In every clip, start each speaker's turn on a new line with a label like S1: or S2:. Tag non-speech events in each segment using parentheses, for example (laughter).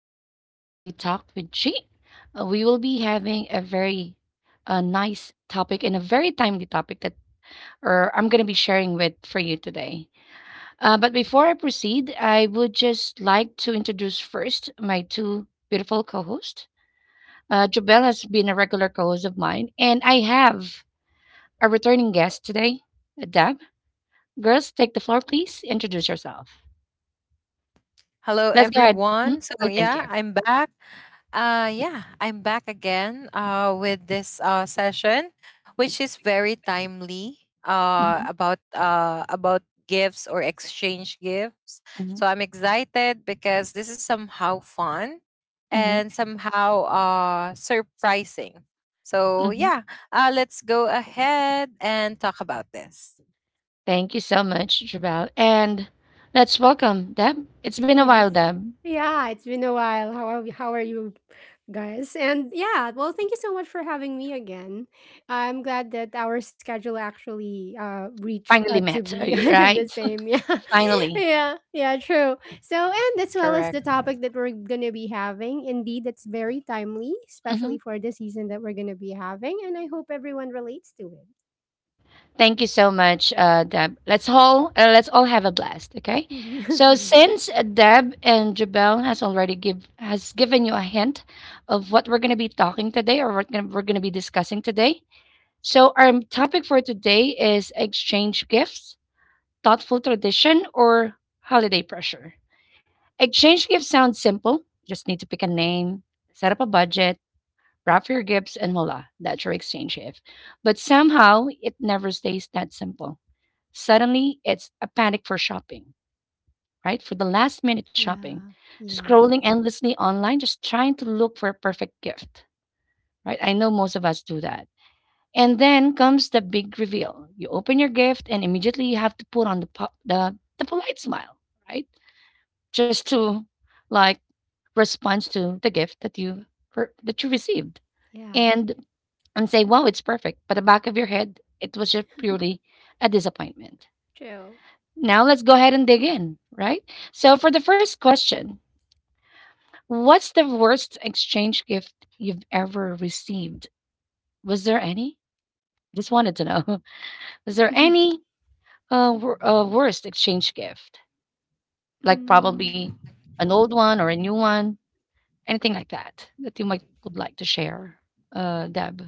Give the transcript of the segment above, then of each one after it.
S1: Welcome to Daily Talk with G. We will be having a very nice topic and a very timely topic that or I'm going to be sharing with for you today. But before I proceed, I would just like to introduce first my two beautiful co-hosts. Jobel has been a regular co-host of mine, and I have a returning guest today, Deb. Girls, take the floor, please. Introduce yourself.
S2: Hello,
S1: Let's go ahead. Mhm.
S2: everyone. So
S1: Oh, thank
S2: yeah,
S1: you.
S2: I'm back. Yeah, I'm back again. With this session, which is very timely.
S1: Hmm.
S2: About gifts or exchange gifts.
S1: Hmm.
S2: So I'm excited because this is somehow fun
S1: Hmm.
S2: and somehow surprising. So
S1: Hmm.
S2: yeah, let's go ahead and talk about this.
S1: Thank you so much, Jabal. And let's welcome Deb. It's been a while,
S3: Yes.
S1: Deb.
S3: Yeah, it's been a while. How are you guys? Thank you so much for having me again. I'm glad that our schedule actually reached
S1: Finally
S3: to
S1: met,
S3: be
S1: are
S3: (laughs)
S1: you
S3: the
S1: right?
S3: same. Yeah. (laughs)
S1: (laughs) Finally.
S3: Yeah, yeah, true. So, and as well as
S2: Correct.
S3: the topic that we're going to be having, indeed it's very timely,
S1: Mhm.
S3: especially for the season that we're going to be having, and I hope everyone relates to it.
S1: Thank you so much, Deb. Let's all have a blast, okay? So
S3: (laughs)
S1: since Deb and Jabel has given you a hint of what we're gonna be talking today or what we're gonna be discussing today, so our topic for today is exchange gifts, thoughtful tradition, or holiday pressure. Exchange gifts sounds simple. Just need to pick a name, set up a budget, wrap your gifts, and voila, that's your exchange gift. But somehow, it never stays that simple. Suddenly, it's a panic for shopping, right? For the last minute shopping,
S3: yeah. Yeah. Yes.
S1: scrolling endlessly online, just trying to look for a perfect gift, right? I know most of us do that. And then comes the big reveal. You open your gift, and immediately you have to put on the polite smile, right? Just to like respond to the gift that you received,
S3: Yeah.
S1: and and say wow, it's perfect, but the back of your head, it was just purely a disappointment.
S3: (laughs) True.
S1: Now let's go ahead and dig in, right? So for the first question, what's the worst exchange gift you've ever received? Was there any? Just wanted to know. (laughs) Was there
S3: (laughs)
S1: any worst exchange gift, like
S3: Mm.
S1: probably an old one or a new one? Anything like that, that you might would like to share, Deb?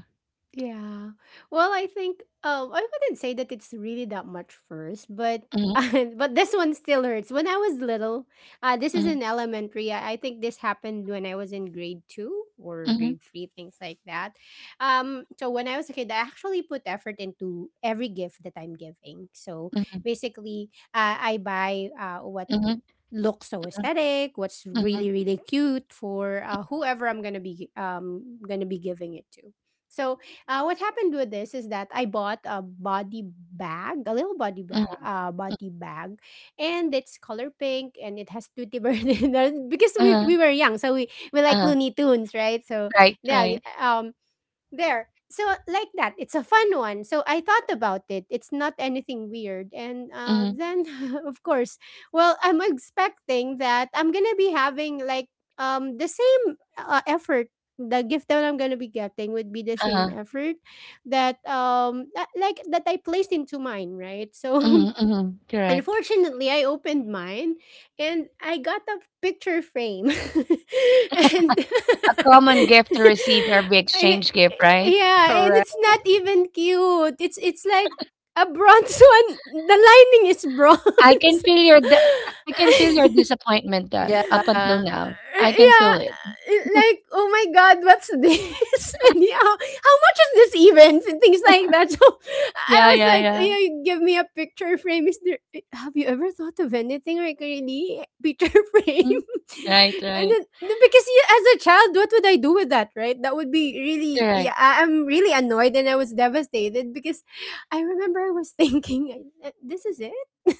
S3: Yeah. Well, I wouldn't say that it's really that much first, but
S1: Mhm.
S3: (laughs) but this one still hurts. When I was little, this is
S1: Mhm.
S3: in elementary. I think this happened when I was in grade 2 or
S1: Mhm.
S3: grade 3, things like that. So when I was a kid, I actually put effort into every gift that I'm giving. So
S1: Mhm.
S3: basically, I buy what
S1: Mhm.
S3: look so
S1: Mhm.
S3: aesthetic, what's
S1: Mhm.
S3: really cute for whoever I'm gonna be giving it to. So what happened with this is that I bought a body bag, a little body
S1: Mhm.
S3: bag,
S1: Mm.
S3: and it's color pink and it has Tutti Bird (laughs) in there because we,
S1: Uh-huh.
S3: we were young, so we like
S1: Uh-huh.
S3: Looney Tunes, right? So
S1: Right,
S3: yeah,
S1: right.
S3: um, there. So like that, it's a fun one. So I thought about it. It's not anything weird. And
S1: Mhm.
S3: then, (laughs) of course, well, I'm expecting that I'm gonna be having like the same effort. The gift that I'm gonna be getting would be the same
S1: Uh-huh.
S3: effort that that I placed into mine, right? So
S1: Mhm.
S3: (laughs)
S1: Mhm. Correct.
S3: unfortunately, I opened mine and I got a picture frame. (laughs) and
S1: A
S3: (laughs)
S1: common gift to receive every
S3: I-
S1: exchange gift, right?
S3: yeah, and
S2: Correct.
S3: it's not even cute. It's like a bronze (laughs) one. The lining is
S1: I
S3: bronze.
S1: can feel your d I can feel your
S3: (laughs)
S1: disappointment,
S2: Yeah.
S1: Deb, up until now. I can feel
S3: Yeah,
S1: it.
S3: like, oh my god, what's this? (laughs) And yeah, how much is this even? And things like that. (laughs) So
S1: Yeah,
S3: I was
S1: yeah,
S3: like, "Oh,
S1: yeah.
S3: yeah, you give me a picture frame. Is there? Have you ever thought of anything like, really, (laughs) picture frame?
S1: Mm. Right,
S3: (laughs) And
S1: right.
S3: then no, because yeah, as a child, what would I do with that? Right? That would be really,
S1: Correct.
S3: yeah. I'm really annoyed and I was devastated because I remember I was (laughs) thinking, this is it. (laughs)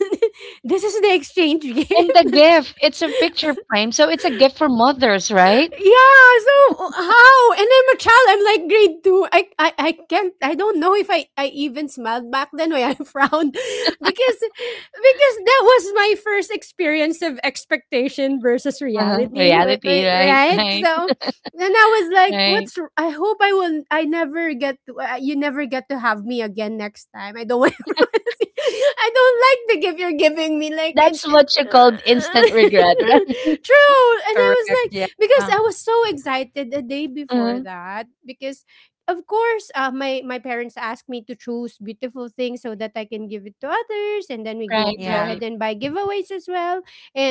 S3: This is the exchange (laughs) game."
S1: And the gift, it's a picture frame, so it's a gift for mothers, right?
S3: Yeah, so how? And I'm a child. I'm like grade two. I can't. I don't know if I even smiled back then or I (laughs) frowned, because that was my first experience of expectation versus
S1: (laughs) Uh-huh.
S3: reality,
S1: Reality, right, (laughs)
S3: right?
S1: right,
S3: So, and I was like,
S1: right.
S3: "What's? I hope I will. I never get. To, you never get to have me again next time. I don't want. (laughs) to see- I don't like the gift you're giving me. Like and."
S1: That's what
S3: (laughs)
S1: you
S3: True,
S1: called instant regret,
S3: and
S1: right?
S3: I was
S2: Correct. Yeah.
S3: like, (laughs) because I was so excited the day
S1: (laughs)
S3: before,
S1: Uh-huh.
S3: that because of course my parents asked me to choose beautiful things so that I can give it to others, and then we
S1: Right,
S3: go
S2: Yeah.
S3: ahead
S1: right.
S3: and buy giveaways as well.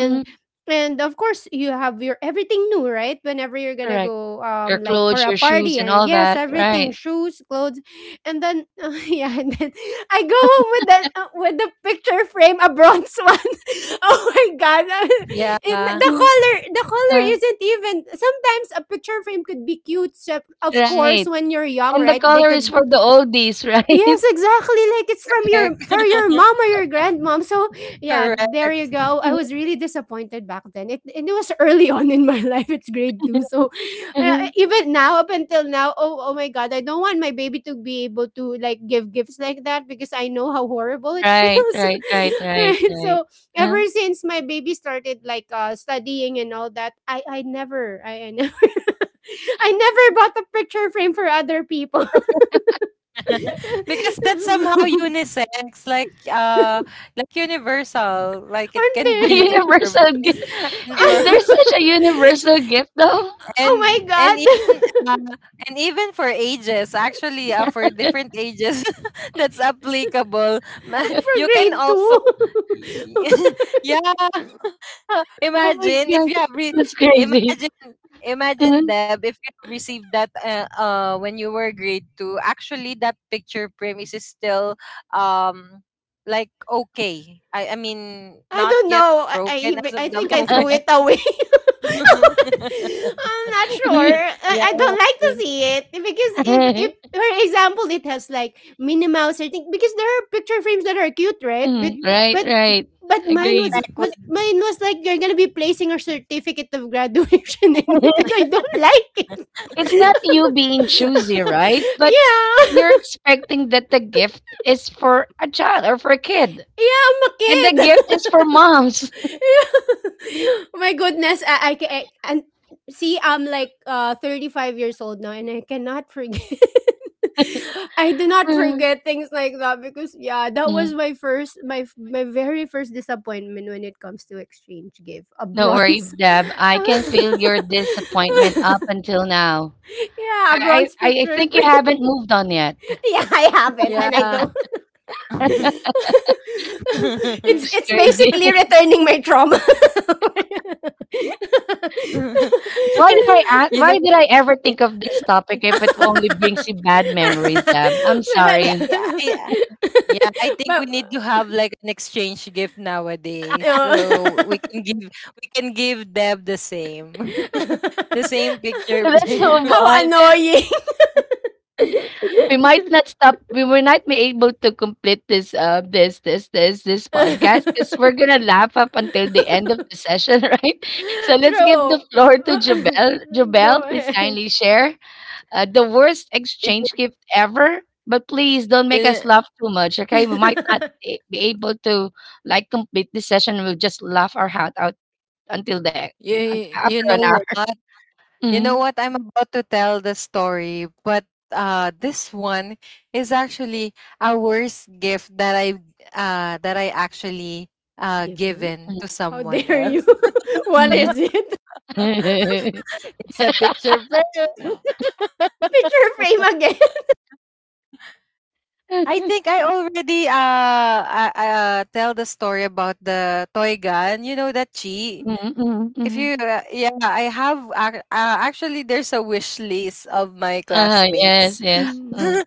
S1: Mhm.
S3: and of course you have your everything new, right, whenever you're gonna
S1: Correct.
S3: go
S1: Your
S3: like for
S1: clothes,
S3: a
S1: your shoes,
S3: party,
S1: and all
S3: and yes,
S1: that,
S3: everything,
S1: right.
S3: shoes, clothes. And then (laughs) yeah, and then I go home with the picture frame, a bronze one. (laughs) Oh my god! (laughs) In,
S2: Yeah,
S1: Mm.
S3: the color
S1: Uh,
S3: isn't even. Sometimes a picture frame could be cute. So of course,
S1: right.
S3: when you're young,
S1: And the
S3: right? They
S1: color is
S3: could.
S1: for the oldies, right?
S3: Yes, exactly. Like it's from
S2: correct,
S3: your for
S2: (laughs)
S3: your mom or your grandmom. So yeah, there
S2: correct.
S3: you go.
S1: (laughs)
S3: I
S1: Mhm,
S3: was really disappointed back then. It and it was early (laughs) on in my (laughs) life. It's grade two, so
S1: mhm.
S3: even now, up until now, oh, oh my god, I don't want my baby to be able to like give gifts like that, because I know how horrible it (laughs)
S1: Right,
S3: feels.
S1: right, right,
S3: (laughs)
S1: right,
S3: Right?
S1: right.
S3: So
S1: Huh?
S3: ever since my baby started like studying and all that, I never. (laughs) I never bought a picture frame for other people.
S2: Because that's somehow
S3: (laughs)
S2: unisex, like universal. Like it
S3: Aren't
S2: can
S1: (laughs) A
S2: be like
S3: they?
S2: for
S3: (laughs)
S1: universal
S2: boys
S1: gift.
S2: (laughs) and
S1: Is
S2: for
S1: there such
S2: men.
S1: a universal gift, though?
S2: And
S3: Oh
S2: and even
S3: my god.
S2: uh, and even for ages, actually, for different ages (laughs) that's applicable.
S3: (laughs) But
S2: Ma-
S3: for
S2: you
S1: (laughs)
S2: can
S3: grade
S2: also
S3: 2.
S2: (laughs) yeah, (laughs)
S1: Oh my God, that's crazy.
S2: imagine,
S1: Mhm.
S2: Deb, if you have received that when you were grade 2. Actually, that picture frame is still um like okay, I mean,
S3: (laughs) I
S2: not
S3: don't
S2: yet
S3: know. I
S2: broken
S3: even
S2: as
S3: I
S2: of the
S3: think I threw it
S2: moment.
S1: (laughs)
S3: away. (laughs)
S2: (laughs)
S3: I'm not sure. I don't like
S2: Yeah.
S3: to see it, because if
S1: (laughs)
S3: for example it has like Minnie Mouse or thing, because there are picture frames that are cute, right?
S1: Mm. Right,
S3: But
S1: right. Agreed.
S2: back with
S3: mine was like, you're gonna be placing a certificate of graduation (laughs) in it, and I
S1: (laughs)
S3: don't like it. (laughs) (laughs)
S1: It's
S3: Yeah.
S1: not you being choosy, right? But you're expecting that the gift is for a child or for a kid,
S3: Yeah, I'm a
S1: and the gift is for
S3: kid.
S1: moms. (laughs)
S3: (laughs) Yeah. (laughs) My goodness, I, ca- I and see I'm like 35 years old now and I cannot forget. (laughs) I do not
S1: Mm.
S3: forget things like that because yeah, that was
S1: Mm.
S3: my first my my very first disappointment when it comes to exchange gift, a
S1: Don't worry,
S3: bronze.
S1: Deb. I can feel your
S3: (laughs)
S1: disappointment up until now.
S3: Yeah, a
S1: I,
S3: bronze
S1: I, I
S3: picture
S1: think you
S3: frame.
S1: haven't moved on yet.
S3: (laughs) Yeah, I haven't, and I
S2: Yeah.
S3: don't.
S2: (laughs)
S3: (laughs)
S1: (laughs)
S3: It's
S1: It's crazy.
S3: basically
S1: (laughs)
S3: returning my trauma. (laughs)
S1: Why did I
S2: you
S1: ask,
S2: know,
S1: why did I ever
S2: eh,
S1: think of this
S2: I,
S1: topic if it only brings you bad memories, Deb? I'm
S3: May-
S2: I,
S1: sorry.
S2: I,
S3: may-
S2: I- yeah, I
S3: (laughs)
S2: think we
S3: But,
S2: need to have like an exchange gift nowadays, so we
S3: uh,
S2: can give, Deb the same, (laughs) the same
S1: (laughs)
S2: picture
S1: Let's
S3: (laughs)
S2: frame.
S1: move
S2: (laughs)
S3: how
S1: on.
S3: annoying.
S1: We might
S3: (laughs)
S1: not stop, we will not be able to complete this podcast because we're gonna laugh up until the end of the session. (laughs) Right, so let's give the
S3: True.
S1: floor to Jobel.
S3: (laughs) Go
S1: Jobel, please
S3: ahead.
S1: kindly share the worst
S2: you,
S1: exchange gift ever, but please don't make
S2: you,
S1: us laugh too much, okay, we might not
S3: (laughs)
S1: a- be able to like complete this session. We'll just laugh our heart out until the e,
S2: you,
S1: un- after
S2: you
S1: an
S2: know
S1: hour.
S2: what? You know
S1: (laughs)
S2: what? I'm about to tell the story, but this one is actually a worst gift that I, actually
S3: Given?
S2: given to
S3: How
S2: someone
S3: dare you?
S2: else. (laughs)
S3: (laughs) What
S1: Mhm,
S3: is it?
S1: mhm, mhm.
S2: It's a picture frame.
S3: Picture frame again. (laughs)
S2: (laughs) I think I already tell the story about the toy gun. You know that chi.
S1: Mhm, mhm,
S2: If
S1: mhm.
S2: you
S1: (laughs)
S2: Yeah, I have actually, there's a wish list of my
S1: Uh-huh,
S2: classmates.
S1: yes, yes.
S2: (laughs)
S3: Mm,
S1: Mm.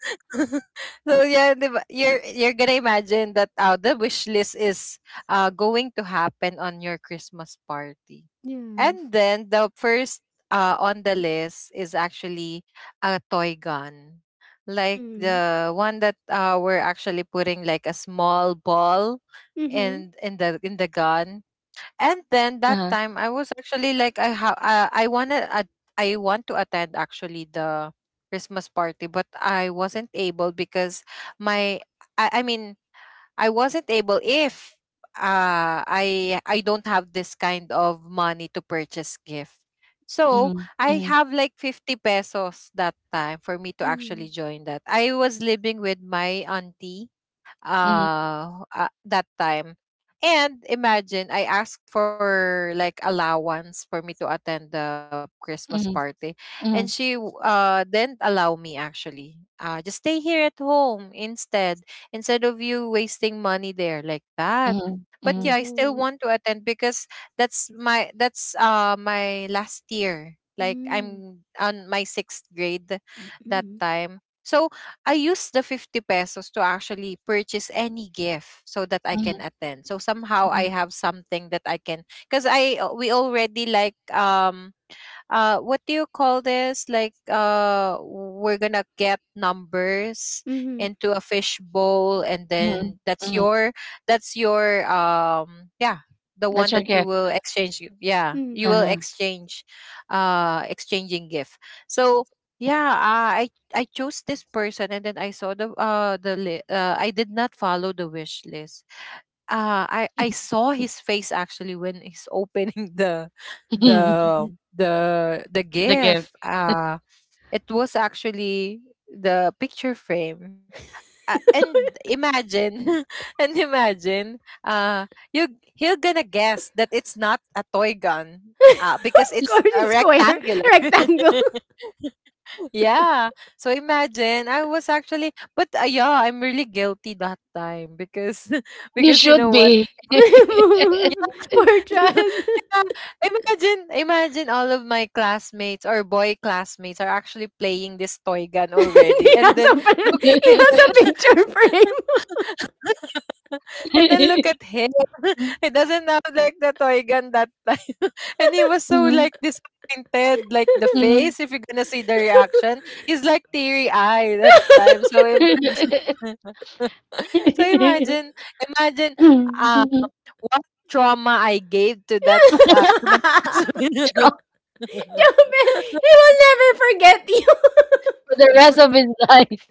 S2: So yeah, di ba? You're gonna imagine that the wish list is going to happen on your Christmas party,
S3: yes.
S2: and then the first on the list is actually a toy gun, like
S3: Mm-hmm.
S2: the one that we're actually putting like a small ball
S3: Mm-hmm.
S2: in the gun. And then that
S1: Uh-huh.
S2: time I was actually like I ha- I wanna at I want to attend actually the Christmas party, but I wasn't able because my I mean I wasn't able if I don't have this kind of money to purchase gift. So
S1: Mhm,
S2: I
S1: mhm,
S2: have like 50 pesos that time for me to
S3: Mm-hmm.
S2: actually join that. I was living with my auntie
S1: mhm,
S2: that time. And imagine I asked for like allowance for me to attend the Christmas
S1: mhm,
S2: party, and she
S1: mhm,
S2: w- uh didn't allow me actually. Uh, just stay here at home instead, instead of you wasting money there like that.
S1: mhm,
S2: But
S1: mhm,
S2: yeah, I still
S3: Oh.
S2: want to attend because that's my, that's my last year. Like
S3: Mm.
S2: I'm on my 6th grade that
S3: Mm-hmm.
S2: time. So I use the 50 pesos to actually purchase any gift so that I can
S1: mhm,
S2: attend. So somehow
S1: mhm,
S2: I have something that I can, because I we already like what do you call this, like we're gonna get numbers
S3: Mm-hmm.
S2: into a fish bowl, and
S1: mhm,
S2: then that's
S1: mhm.
S2: your, that's your yeah, the
S1: That's
S2: one
S1: your
S2: that you
S1: gift.
S2: will exchange. You Yeah,
S3: Mm.
S2: you will
S1: Uh-huh.
S2: exchange, exchanging gift. So yeah, I chose this person, and then I saw the I did not follow the wish list. I I saw his face actually when he's opening (laughs)
S1: (laughs)
S2: the the the
S1: The gift.
S2: gift. It was actually the picture frame. And imagine, (laughs) and imagine, you he'll gonna guess that it's not a toy gun,
S3: (laughs)
S2: because
S3: Of course,
S2: it's a
S3: it's square.
S2: rectangular. (laughs)
S3: Rectangle. (laughs)
S2: Yeah. So imagine I was actually, but yeah, I'm really guilty that time because (laughs)
S1: You
S2: because you
S1: should
S2: know what,
S1: be. (laughs)
S3: Poor child.
S2: yeah. (laughs)
S3: (laughs)
S2: Yeah. Imagine, imagine all of my classmates, or boy classmates, are actually playing this toy gun
S3: he,
S2: already. And
S3: has
S2: then look
S3: a, he
S2: at
S3: has
S2: him.
S3: a picture
S2: (laughs)
S3: frame. (laughs)
S2: (laughs) And then look at him. (laughs)
S1: Mm,
S2: He doesn't have like the toy gun that time. (laughs) And he was so
S1: mhm,
S2: like disappointed. Like the
S1: mhm.
S2: face, if you're gonna see the reaction, he's like teary eyed that time. So imagine (laughs) so imagine um
S1: (laughs)
S2: what trauma I gave to that, to my cousin.
S1: Trump
S3: Jobel, he
S2: (laughs)
S3: will never forget you.
S1: for the rest of his life.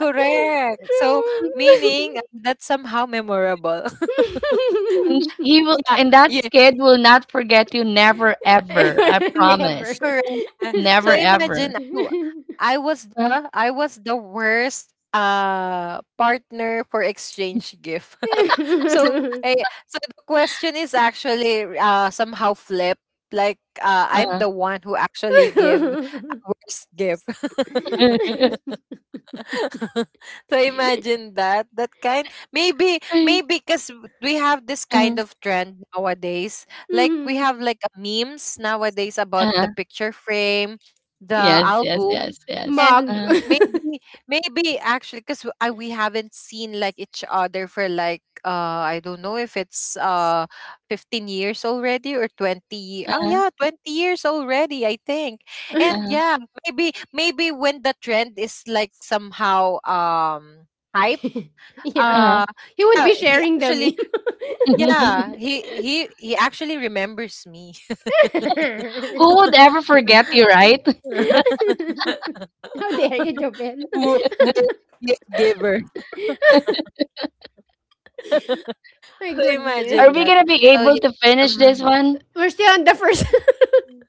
S2: Correct. So meaning that's somehow memorable.
S3: (laughs)
S1: And
S3: True. (laughs)
S1: he will, and that
S2: (laughs) Yeah,
S1: kid will not forget you, never ever. I
S3: (laughs) Never.
S1: promise.
S2: correct. Yeah. So
S1: Never
S2: imagine,
S1: ever.
S2: I was
S1: Uh,
S2: the, I was the worst partner for exchange gift. (laughs) So
S3: (laughs)
S2: I, so the question is actually somehow flipped. Like I'm
S1: uh.
S2: the one who actually give a worst gift. (laughs)
S1: (laughs)
S2: (laughs) So imagine that, that kind, maybe, maybe because we have this kind
S1: Mhm.
S2: of trend nowadays, like we have like a memes nowadays about the
S1: Uh-huh.
S2: picture frame, the
S1: Yes, yes, yes,
S2: album.
S1: yes.
S3: Mug.
S2: And
S1: Uh-huh,
S2: maybe, maybe actually because I, we haven't seen like each other for like I don't know if it's 15 years already, or 20, oh
S1: uh-huh,
S2: yeah, 20 years already I think. And
S1: uh-huh,
S3: (laughs)
S2: yeah, maybe, maybe when the trend is like somehow hype,
S3: Yeah.
S1: uh-huh.
S2: uh
S3: He would
S2: yeah,
S3: be
S2: he
S3: sharing the meme.
S2: actually, yeah,
S1: (laughs)
S2: he he actually remembers me. (laughs)
S1: Who would
S3: (laughs)
S1: ever forget you, right? (laughs)
S3: How dare you, Jobel?
S2: Wo- wo- Gift giver. (laughs)
S3: (laughs)
S2: So
S3: My
S2: imagine
S3: goodness.
S1: Are
S2: that,
S1: we gonna be
S2: so
S1: able
S2: yeah,
S1: to finish
S2: somehow
S1: this one?
S3: We're still on the first,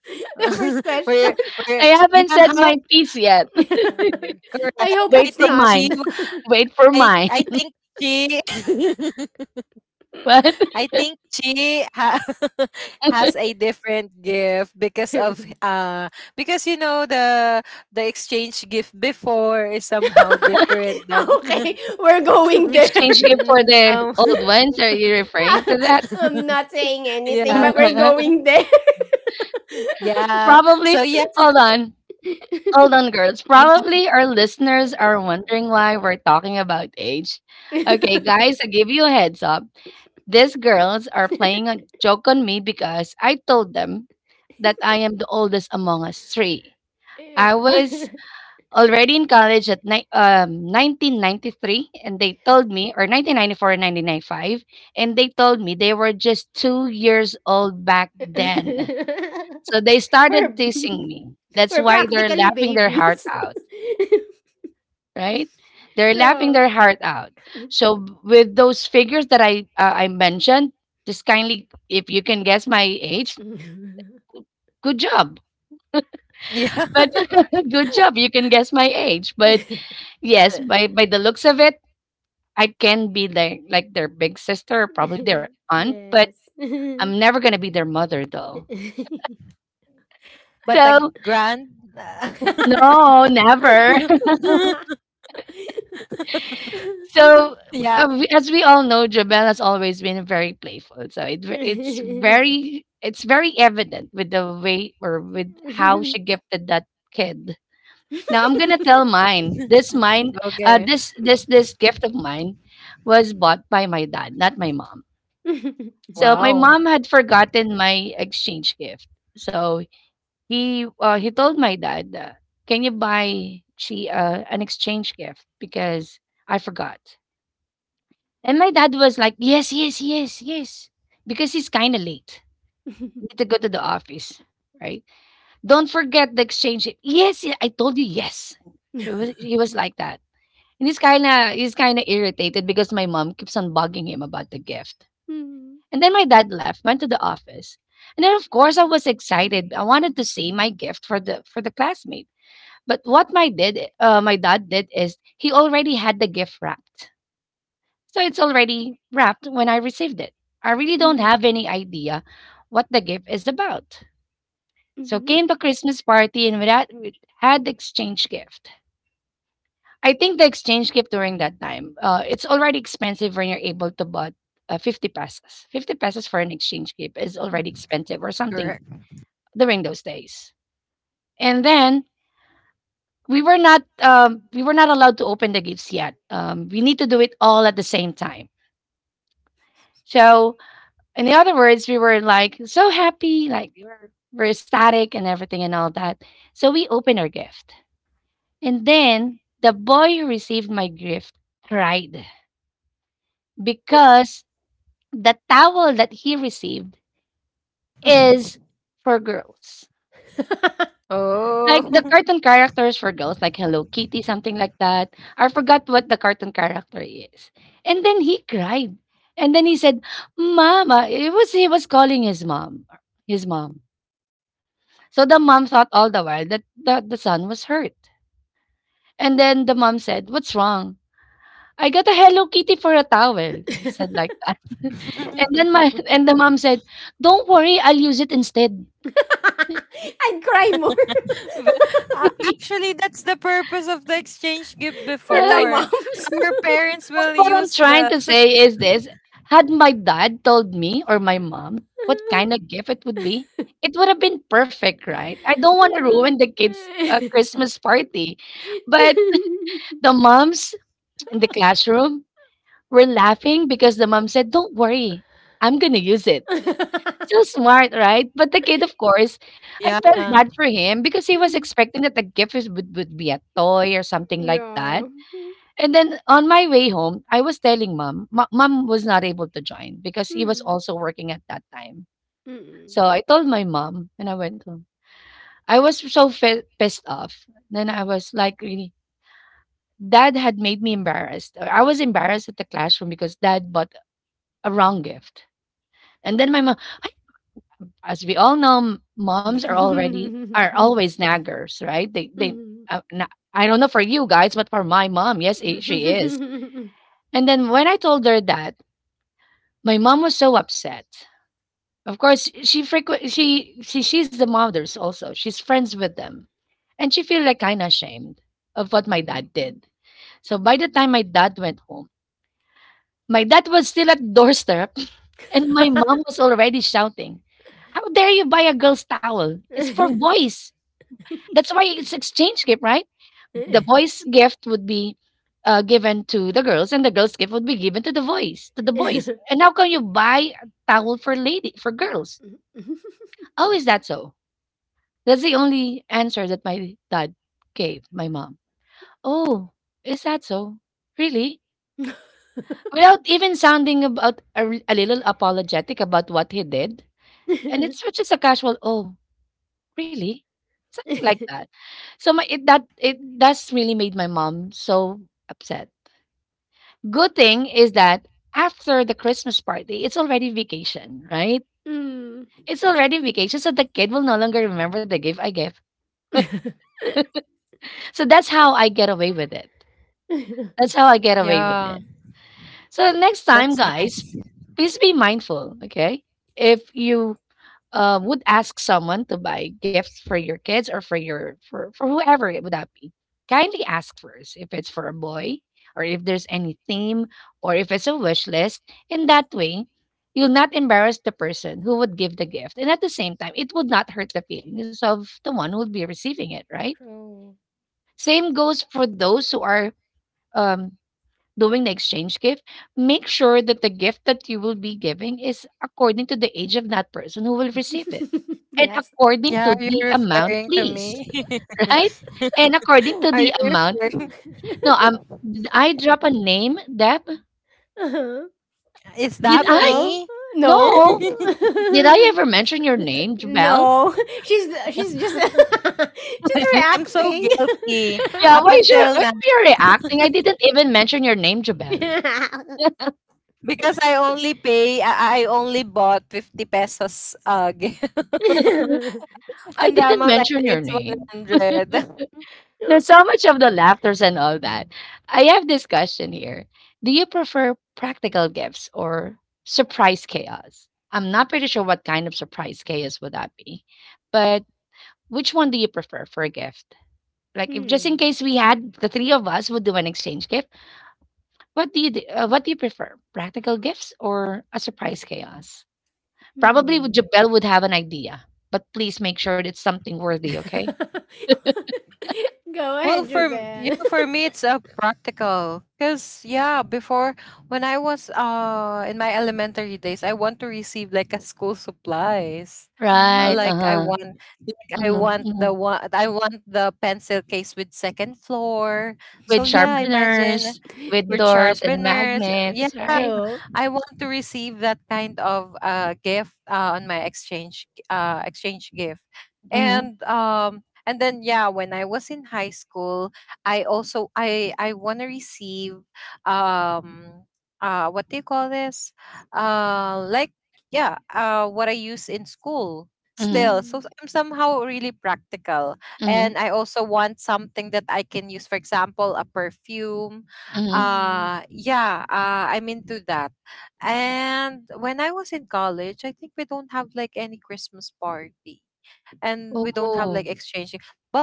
S3: (laughs) the first
S2: (laughs)
S3: question.
S2: we're,
S1: I
S2: we're, yeah,
S1: haven't said
S2: how,
S1: my piece yet. (laughs)
S3: (laughs) I
S2: correct.
S3: hope
S2: i
S1: Wait
S3: it's
S1: for
S2: think
S3: not.
S2: she
S1: mine. Wait for
S2: i
S1: mine.
S2: i
S1: (laughs)
S2: think she (laughs)
S1: What?
S2: I think she (laughs) has a different gift
S3: (laughs)
S2: because
S3: Okay,
S2: of, because you know the exchange gift before is somehow different than (laughs)
S3: we're going there.
S1: Exchange gift
S2: than
S1: for the
S2: now.
S1: old ones? Are you referring to that?
S3: (laughs) I'm not saying
S2: (laughs)
S3: anything,
S2: Yeah.
S3: but we're
S1: (laughs)
S3: going there.
S2: Yeah.
S1: Probably.
S2: So yeah,
S1: Hold on. Hold on, girls.
S2: yeah,
S1: Probably our listeners are wondering why we're talking about age. Okay,
S3: (laughs)
S1: guys, I give you a heads up. These girls are
S3: Yeah.
S1: playing a joke on me because I told them that I am the oldest among us three. I was already in college at 1993, and they told me, or 1994 and 1995, and they told me they were just 2 years old back
S3: (laughs)
S1: then. So they started
S3: We're
S1: teasing me.
S3: (laughs)
S1: That's
S3: we're
S1: why they're
S3: practically
S1: laughing their heart
S3: babies. (laughs)
S1: out, right? They're laughing
S3: True.
S1: their heart out. So with those figures that I mentioned, just kindly, if you can guess my age, good job.
S2: yeah.
S1: But (laughs) good job, you can guess my age. But
S3: (laughs)
S1: yes,
S2: (laughs)
S1: by the looks of it, I can be their like their big sister, or probably their aunt. But
S3: Yes.
S1: I'm never gonna be their mother, though.
S2: But a
S1: So
S2: grand. (laughs)
S1: no, never. (laughs) So,
S2: Yeah,
S1: as we all know, Jabel has always been very playful. So it's very it's very evident with the way or with how she gifted that kid. Now I'm gonna tell mine. This mine, uh, this
S2: okay.
S1: this this gift of mine was bought by my dad, not my mom. So my mom
S2: Wow.
S1: had forgotten my exchange gift. So he told my dad, "Can you buy she an exchange gift because I forgot." And my dad was like, yes, yes, yes, yes. Because he's kind of late. He need to go to the office, right? Don't forget the exchange. Rate." Yes, I told you yes. So he was like that. And he's kind of irritated because my mom keeps on bugging him about the gift. And then my dad left, went to the office. And then of course I was excited. I wanted to see my gift for the classmate. But what my dad did is he already had the gift wrapped. So it's already wrapped when I received it. I really don't
S3: (laughs)
S1: have
S3: (laughs)
S1: any idea what the gift is about. So came
S3: Mm-hmm.
S1: the Christmas party and we had exchange gift. I think the exchange gift during that time, it's already expensive when you're able to buy 50 pesos. 50 pesos for an exchange gift is already
S3: Hmm.
S1: expensive or
S2: Correct.
S1: something during those days. And then we were not allowed to open the gifts yet. We need to do it all at the same time. So in other words, we were like so happy, like we were, ecstatic and everything and all that. So we opened our gift. And then the boy who received my gift cried because the towel that he received is for girls.
S3: (laughs)
S1: Like the
S2: Oh.
S1: cartoon characters for girls, like Hello Kitty, something like that. I forgot what the cartoon character is. And then he cried. And then he said, Mama, it was he was calling his mom. His mom. So the mom thought all the while that the son was hurt. And then the mom said, What's wrong? I got a Hello Kitty for a towel. He
S3: I'd
S1: said like that. (laughs)
S2: (laughs)
S1: And then my (laughs) and the mom said, Don't worry, I'll use it instead.
S3: cry more
S2: But,
S1: (laughs)
S2: actually, that's the purpose of the exchange
S3: (laughs)
S2: gift
S3: for the
S1: Right.
S2: before.
S3: moms.
S2: Our parents
S1: What
S2: will
S1: I'm
S2: use
S1: trying to
S2: the.
S1: say is this, had my dad told me or my mom what kind of gift it would be, it would have been perfect, right?
S3: (laughs)
S1: I don't want to
S3: Yeah.
S1: ruin the kids' Christmas party. But the moms in the classroom, we're laughing because the mom said, "Don't worry, I'm gonna use it." So smart, right? But the kid, of course, I
S2: Yeah,
S1: felt bad for him because he was
S3: (laughs)
S1: expecting that the gift would be a toy or something like
S3: Yeah.
S1: that. And then on my way home, I was telling mom, mom was not able to join because he was
S3: Hmm.
S1: also working at that time.
S3: Mm-mm.
S1: So I told my mom and I went home. I was so pissed off. Then I was like, really, dad had made me embarrassed. I was embarrassed at the classroom because dad bought a wrong gift. And then my mom, as we all know, moms are always naggers, right? They they uh,
S3: (laughs)
S1: na- I don't know for you guys, but for my mom, yes, she is.
S3: Mhm.
S1: And then when I told her that, my mom was so upset. Of course, she she's the mothers also. She's friends with them, and she feel like kind of ashamed of what my dad did. So by the time my dad went home, my dad was still at doorstep, (laughs) and my mom was already shouting, "How dare you buy a girl's towel? It's for boys." That's why it's exchange gift, right? The boys' gift would be given to the girls, and the girls' gift would be given to the boys, to the boys. And how can you buy a towel for lady for girls? Oh, is that so? That's the only answer that my dad gave my mom. Oh, is that so? Really? Without even sounding about a little apologetic about what he did, and it's just a casual. Oh, really? Something like
S3: (laughs) (laughs)
S1: that. So my it that it that's really made my mom so upset. Good thing is that after the Christmas party, it's already vacation, right?
S3: Mm.
S1: It's already vacation, so the kid will no longer remember the gift I gave.
S3: (laughs)
S1: So that's how I get away with it. That's how I get away with it.
S2: yeah,
S1: So next time,
S2: that's
S1: guys,
S2: nice.
S1: please be mindful, okay? If you would ask someone to buy gifts for your kids or for for whoever it would that be, kindly ask first if it's for a boy, or if there's any theme, or if it's a wish list. In that way you'll not embarrass the person who would give the gift, and at the same time it would not hurt the feelings of the one who would be receiving it, right?
S3: True.
S1: Same goes for those who are um, doing the exchange gift. Make sure that the gift that you will be giving is according to the age of that person who will receive it,
S3: (laughs)
S1: and
S3: Yes.
S1: according to
S2: Yeah, are you
S1: the amount,
S2: referring to
S1: please.
S2: me?
S1: (laughs) Right? And according
S2: (laughs)
S1: to
S2: Are
S1: the
S2: you
S1: amount,
S2: referring?
S1: no, did I drop a name, Deb?
S3: Uh-huh.
S2: Is
S1: Did
S2: that
S1: I?
S3: No.
S2: me?
S3: No.
S1: No.
S2: (laughs)
S1: Did I
S3: (laughs)
S1: ever mention your name, Jabel?
S3: No. (laughs) She's just (laughs) she's
S1: (laughs)
S2: I'm so
S3: reacting.
S2: guilty
S1: Yeah,
S2: up
S1: why is your
S2: until
S1: why are
S2: now
S1: you reacting? I didn't even mention your name, Jabel.
S2: because I only bought 50 pesos, (laughs)
S3: (laughs)
S1: (laughs) I
S2: and the
S1: didn't
S2: amount I
S1: mention your
S2: think it's
S1: name.
S2: 100. (laughs)
S1: There's so much of the laughters and all that. I have this question here. Do you prefer practical gifts or surprise chaos? I'm not pretty sure what kind of surprise chaos would that be, but which one do you prefer for a gift? Like, if just in
S3: Hmm.
S1: case we had the three of us would do an exchange gift, what do you do, what do you prefer, practical gifts or a surprise chaos? Probably would
S3: Hmm.
S1: Jabel would have an idea, but please make sure it's something worthy, okay?
S3: (laughs) Go
S2: Well,
S3: ahead,
S2: you
S3: Japan.
S2: know, for
S3: (laughs)
S2: me, it's a practical. 'Cause yeah, before, when I was in my elementary days, I want to receive like a school supplies. Uh,
S1: Right.
S3: Hmm.
S2: like I
S1: Uh
S2: want, like I want
S1: huh.
S2: the one, I want the pencil case with second floor. So
S1: With
S2: yeah, imagine
S1: sharpeners,
S3: (laughs)
S1: with
S2: with
S3: Yeah.
S1: doors and
S2: sharpeners. Yeah,
S1: magnets, right?
S3: True.
S2: I want to receive that kind of gift on my exchange gift.
S1: Mhm,
S2: And and then yeah, when I was in high school, I also, I want to receive um what do you call this, like, yeah, what I use in school
S1: mhm,
S2: still,
S3: Hmm.
S2: so I'm somehow really practical. And
S1: mhm,
S2: I also want something that I can use, for example, a perfume.
S1: mhm.
S3: Hmm.
S2: Yeah, I'm into that. And when I was in college, I think we don't have like any Christmas party, and we don't have like
S1: Oh.
S2: exchanging,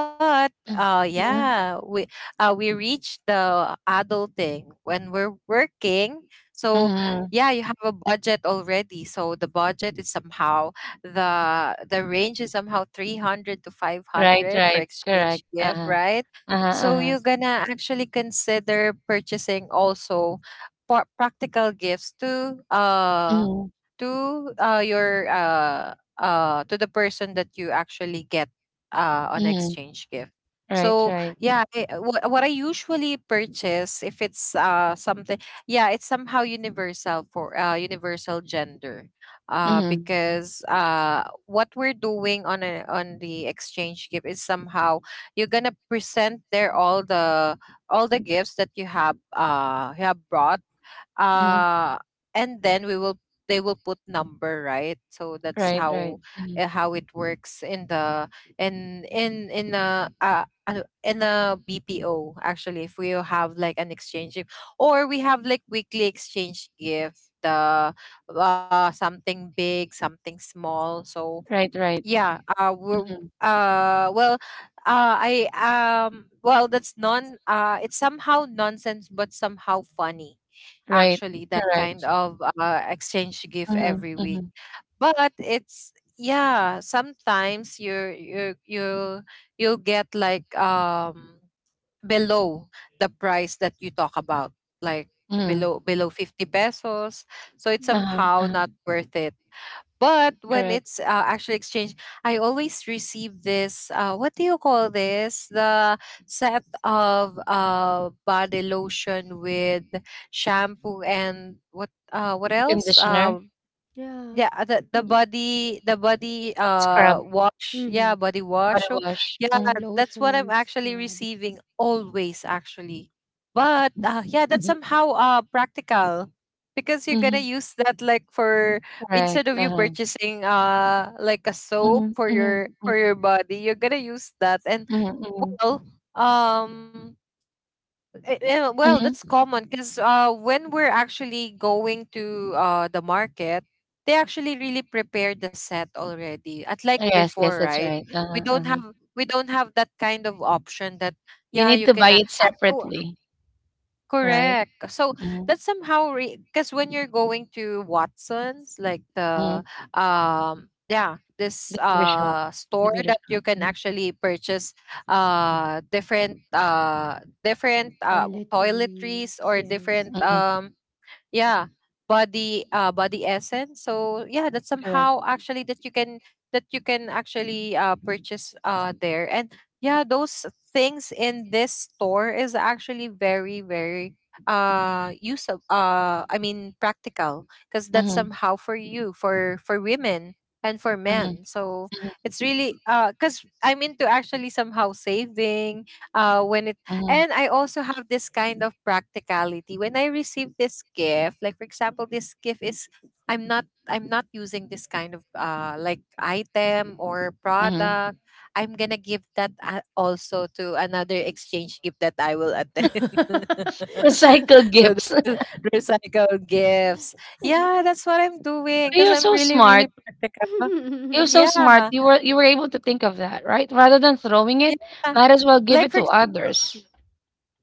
S2: but
S1: Mm,
S2: uh
S1: mhm,
S2: yeah we uh we reach the adulting when we're working. So
S1: mhm.
S2: yeah, you have a budget already, so the budget is somehow, the range is somehow 300 to
S1: Right,
S2: 500 for
S1: right,
S2: exchange
S1: correct.
S2: gift,
S1: Uh-huh.
S2: right?
S1: Uh-huh,
S2: So
S1: uh-huh.
S2: you're gonna actually consider purchasing also practical gifts to
S1: Mhm,
S2: your, uh to the person that you actually get on
S1: mhm.
S2: exchange gift.
S1: Right,
S2: So
S1: right.
S2: yeah, I, what I usually purchase, if it's something, yeah, it's somehow universal, for universal gender,
S1: Mhm,
S3: Hmm.
S2: because what we're doing on a, on the exchange gift is somehow, you're gonna present there all the, all the gifts that you have, you have brought.
S1: mhm.
S2: uh and then we will, they will put number, right? So that's
S1: Right,
S2: how,
S1: right. Mhm.
S2: how it works in the, in a BPO, actually, if we have like an exchange gift, or we have like weekly exchange gift, the, something big, something small. So
S1: Right, right.
S2: yeah. We're,
S1: Mhm.
S2: uh. Well. I. Well, that's non. It's somehow nonsense, but somehow funny.
S1: Right,
S2: Actually, that kind
S1: correct.
S2: of exchange gift
S1: Mhm,
S2: every week.
S1: mhm,
S2: But it's, yeah, sometimes you you get like below the price that you talk about, like
S1: mhm.
S2: below 50 pesos. So it's
S3: Hmm.
S1: Uh-huh,
S2: somehow
S1: uh-huh,
S2: not worth it, but when
S1: correct.
S2: it's, actually exchanged, I always receive this. What do you call this? The set of body lotion with shampoo and what? What else?
S1: Conditioner,
S3: Yeah.
S2: Yeah, uh, the body
S1: body scrub,
S2: wash. Yeah,
S3: Mhm.
S2: body wash.
S1: body
S2: So
S1: wash.
S2: yeah,
S1: Mhm.
S2: that's
S3: Lotion
S2: what I'm
S3: and
S2: actually
S3: scrub,
S2: receiving always actually. But yeah, that's
S1: Mhm.
S2: somehow practical because you're gonna
S1: Mhm.
S2: use that like for,
S1: Correct,
S2: instead of you
S1: uh-huh.
S2: purchasing like a soap
S1: Mhm,
S2: for
S1: mhm,
S2: your, for
S1: mhm,
S2: your body, you're gonna use that. And
S1: mhm, mhm.
S2: well, um well,
S1: Mhm.
S2: that's common because when we're actually going to the market, they actually really prepare the set already. At like
S1: Yes, yes,
S2: before,
S1: that's
S2: right?
S1: right. Uh-huh, uh-huh.
S2: We don't have that kind of option that,
S1: You
S2: yeah,
S1: need
S2: you
S1: to buy
S2: can,
S1: it separately, right?
S2: correct. So
S1: Mhm,
S2: that's somehow because when you're going to Watson's, like
S1: mhm.
S2: the yeah this
S1: The beauty shop, the
S2: store
S1: beauty
S2: that
S1: shop.
S2: you can
S1: Mhm,
S2: actually purchase different different
S3: toiletries,
S2: toiletries or
S3: yes.
S2: different
S1: mhm,
S2: yeah body body essence. So yeah, that's
S1: correct.
S2: somehow actually that you can actually purchase there. And yeah, those things in this store is actually very very use of I mean practical because that's
S1: Mhm,
S2: somehow for you, for women and for
S1: mhm,
S2: men. So
S1: mhm,
S2: it's really because I'm into actually somehow saving when
S1: mhm,
S2: and I also have this kind of practicality. When I receive this gift, like for example, this gift is I'm not using this kind of item or
S1: mhm.
S2: product. I'm gonna give that, also to another exchange gift that I will attend. (laughs)
S3: (laughs)
S1: Recycled
S2: So
S1: gifts.
S2: the
S1: (laughs)
S2: (laughs) recycled gifts. Yeah, that's what I'm doing because
S1: You're
S2: I'm
S1: so
S2: really
S1: smart.
S2: really practical.
S1: You're so smart.
S2: Yeah,
S1: You were able to think of that, right? Rather than throwing it,
S2: yeah.
S1: might as well give
S2: Like
S1: it
S2: for
S1: to
S2: example,
S1: others,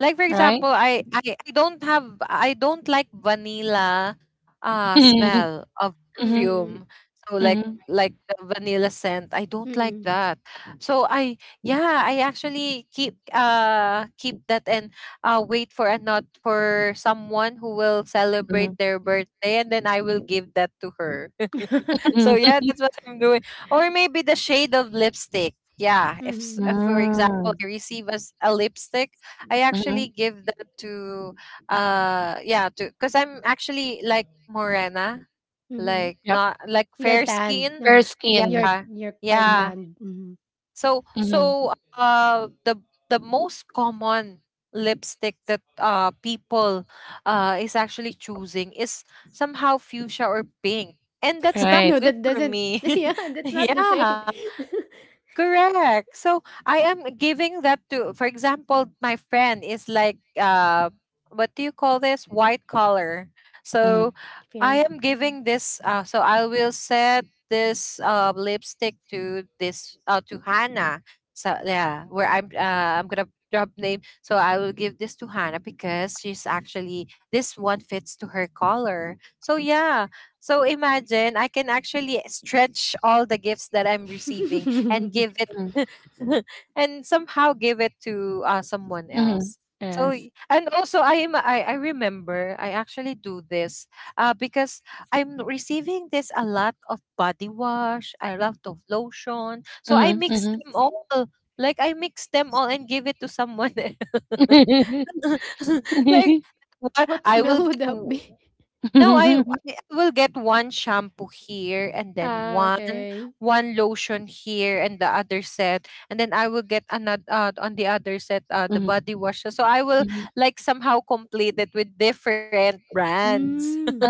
S2: like for
S1: right?
S2: example, I don't have I don't like vanilla
S1: (laughs) Mhm,
S2: smell of
S1: mhm,
S3: Mm-mm,
S2: perfume. So
S1: mhm,
S2: like the vanilla scent. I don't like
S3: mm-mm.
S2: that. So I, yeah, I actually keep keep that and wait for a, not for someone who will
S1: mhm,
S2: celebrate their birthday, and then I will give that to her. So
S3: (laughs)
S1: mhm.
S2: yeah, that's what I'm doing. Or maybe the shade of lipstick. Yeah, if,
S3: Mhm,
S2: if for example
S1: Mm,
S2: I receive as a lipstick, I actually
S1: mhm.
S2: give that to yeah, to, because I'm actually like morena,
S3: mhm.
S2: like
S1: Yep.
S2: not like
S3: You're
S2: fair
S3: tanned.
S2: skin.
S1: Fair
S3: No?
S1: skinned.
S2: Yeah,
S3: You're quite
S1: Mm-hmm,
S2: yeah.
S3: tanned. Mhm.
S2: So
S1: mm-hmm.
S2: so uh the most common lipstick that people is actually choosing is somehow fuchsia or pink. And that's
S3: (laughs)
S2: not
S1: Right.
S3: No,
S2: good
S3: that
S2: for
S3: doesn't.
S2: me.
S3: (laughs) Yeah,
S2: (laughs)
S3: that's not the
S2: yeah.
S3: shade. (laughs)
S2: Correct. So I am giving that to, for example, my friend is like, what do you call this? White collar.
S1: Mm-hmm,
S2: So I
S3: Fair.
S2: am
S3: Mm.
S2: giving this. So I will set this, lipstick to this, to Hannah. So yeah, where I'm, I'm gonna drop name. So I will give this to Hannah because she's actually, this one fits to her color. So yeah. So imagine I can actually stretch all the gifts that I'm receiving and give it
S3: (laughs)
S1: mm-hmm.
S2: (laughs) and somehow give it to, someone
S1: Mhm.
S2: else. So
S1: Yes.
S2: and also I am, I remember I actually do this, because I'm receiving this a lot of body wash, a lot of lotion, so I
S1: Mhm,
S2: mix
S1: mhm.
S2: them all, like, I mix them all, and give it to someone else. (laughs) Like what
S3: What
S2: I will
S3: smell would
S2: get
S3: that be?
S2: no,
S1: Mhm, mhm.
S2: I
S1: (laughs)
S2: will get one shampoo here and then
S3: Ah, okay.
S2: one lotion here and the other set, and then I will get another, on the other set, the body wash. So I will like somehow complete it with different brands. (laughs)
S3: Mm.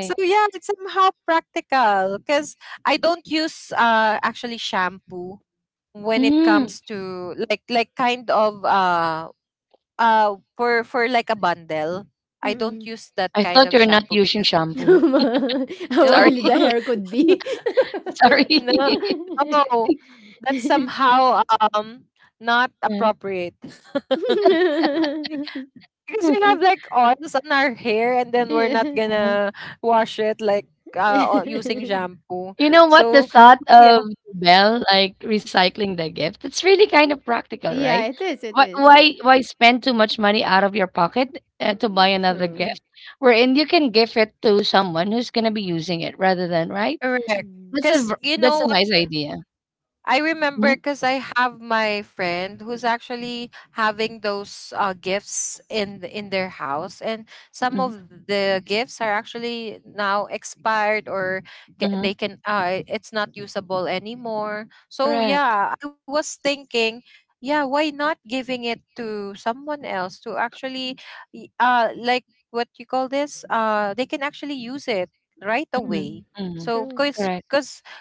S2: So yeah, it's somehow practical because I don't use actually shampoo when it
S1: Mm,
S2: comes to like kind of for like a bundle. I don't
S3: Mm-mm.
S2: use that
S1: I
S2: kind
S1: thought
S2: of
S1: you're not
S2: shampoo
S1: using
S2: because
S1: shampoo.
S3: (laughs) How
S2: no.
S1: Sorry,
S3: oily
S2: (laughs)
S3: the
S1: (laughs)
S3: hair could be.
S2: (laughs)
S3: (laughs)
S1: sorry.
S2: No.
S1: (laughs)
S2: Oh, that's somehow um not
S1: Uh,
S2: appropriate. (laughs) Because we have like oils on our hair, and then we're not
S3: Yeah.
S1: uh-huh.
S2: gonna wash it like
S3: (laughs)
S2: using shampoo.
S1: You know what? The
S2: So
S1: thought of
S2: yeah,
S1: Belle, like, recycling the gift, it's really kind of practical,
S3: Yeah,
S1: right?
S3: it is. It
S1: Why
S3: is
S1: why why spend too much money out of your pocket, to buy another
S3: true.
S1: gift, wherein you can give it to someone who's gonna be using it rather than, right?
S2: correct.
S3: Hmm.
S2: 'Cause you
S1: That's
S2: know,
S1: a nice idea.
S2: I remember
S1: Mhm,
S2: because I have my friend who's actually having those, gifts in in their house, and some
S1: mm,
S2: of the gifts are actually now expired or they
S1: mhm.
S2: can it's not usable anymore. So
S1: Correct.
S2: yeah, I was thinking, yeah, why not giving it to someone else to actually, y- uh, like what you call this? They can actually use it right
S1: Mhm,
S3: Mm-hmm.
S2: away.
S1: mhm.
S2: So
S3: True.
S2: because
S1: Correct.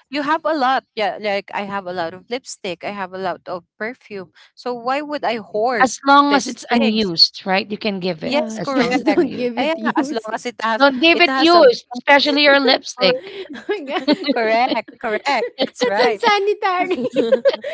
S2: you have a lot. Yeah, like I have a lot of lipstick, I have a lot of perfume. So why would I hoard
S1: As long as
S2: these
S1: it's
S2: things?
S1: unused, right? You can give it
S2: Yes,
S3: Yeah, (laughs)
S1: as
S2: correct.
S1: long as
S3: just
S1: it's
S3: don't
S1: unused.
S3: give
S2: Eh,
S3: it
S2: yeah, as long
S3: used. (laughs)
S2: as it has,
S1: Don't give
S2: it
S1: it
S2: has a
S1: used,
S2: box.
S1: especially your
S2: Correct.
S1: lipstick.
S3: Oh my
S2: (laughs)
S3: god. (laughs)
S2: Correct, correct. That's
S3: That's
S2: right.
S3: unsanitary. (laughs)
S2: (laughs)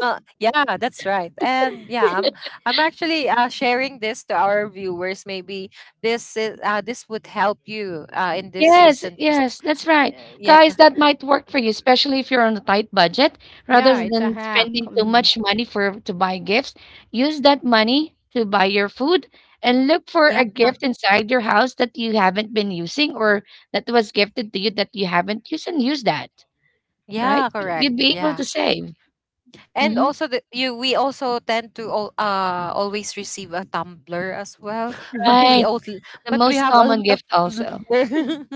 S2: Yeah, that's right. And yeah, I'm actually, sharing this to our viewers. Maybe this is, this would help you, in this
S1: Yes,
S2: season. Just,
S1: yes, that's right.
S2: yeah,
S1: Guys, that might work for you, especially if you're on a tight budget. Rather
S3: Yeah, it's a
S1: than
S3: hack.
S1: spending too
S3: Mhm.
S1: much money for to buy gifts, use that money to buy your food and look for a
S2: yeah,
S1: gift inside your house that you haven't been using, or that was gifted to you that you haven't used, and use that. Right?
S2: yeah. Correct.
S1: You'd be able
S2: Yeah.
S1: to save.
S2: And
S1: Mhm.
S2: also the, you, we also tend to all, uh, always receive a tumbler as well, but
S1: Right.
S2: we also
S3: (laughs)
S1: The
S2: but
S1: most
S2: we have
S1: common
S2: a lot
S1: gift
S2: of
S1: also.
S2: tumbler.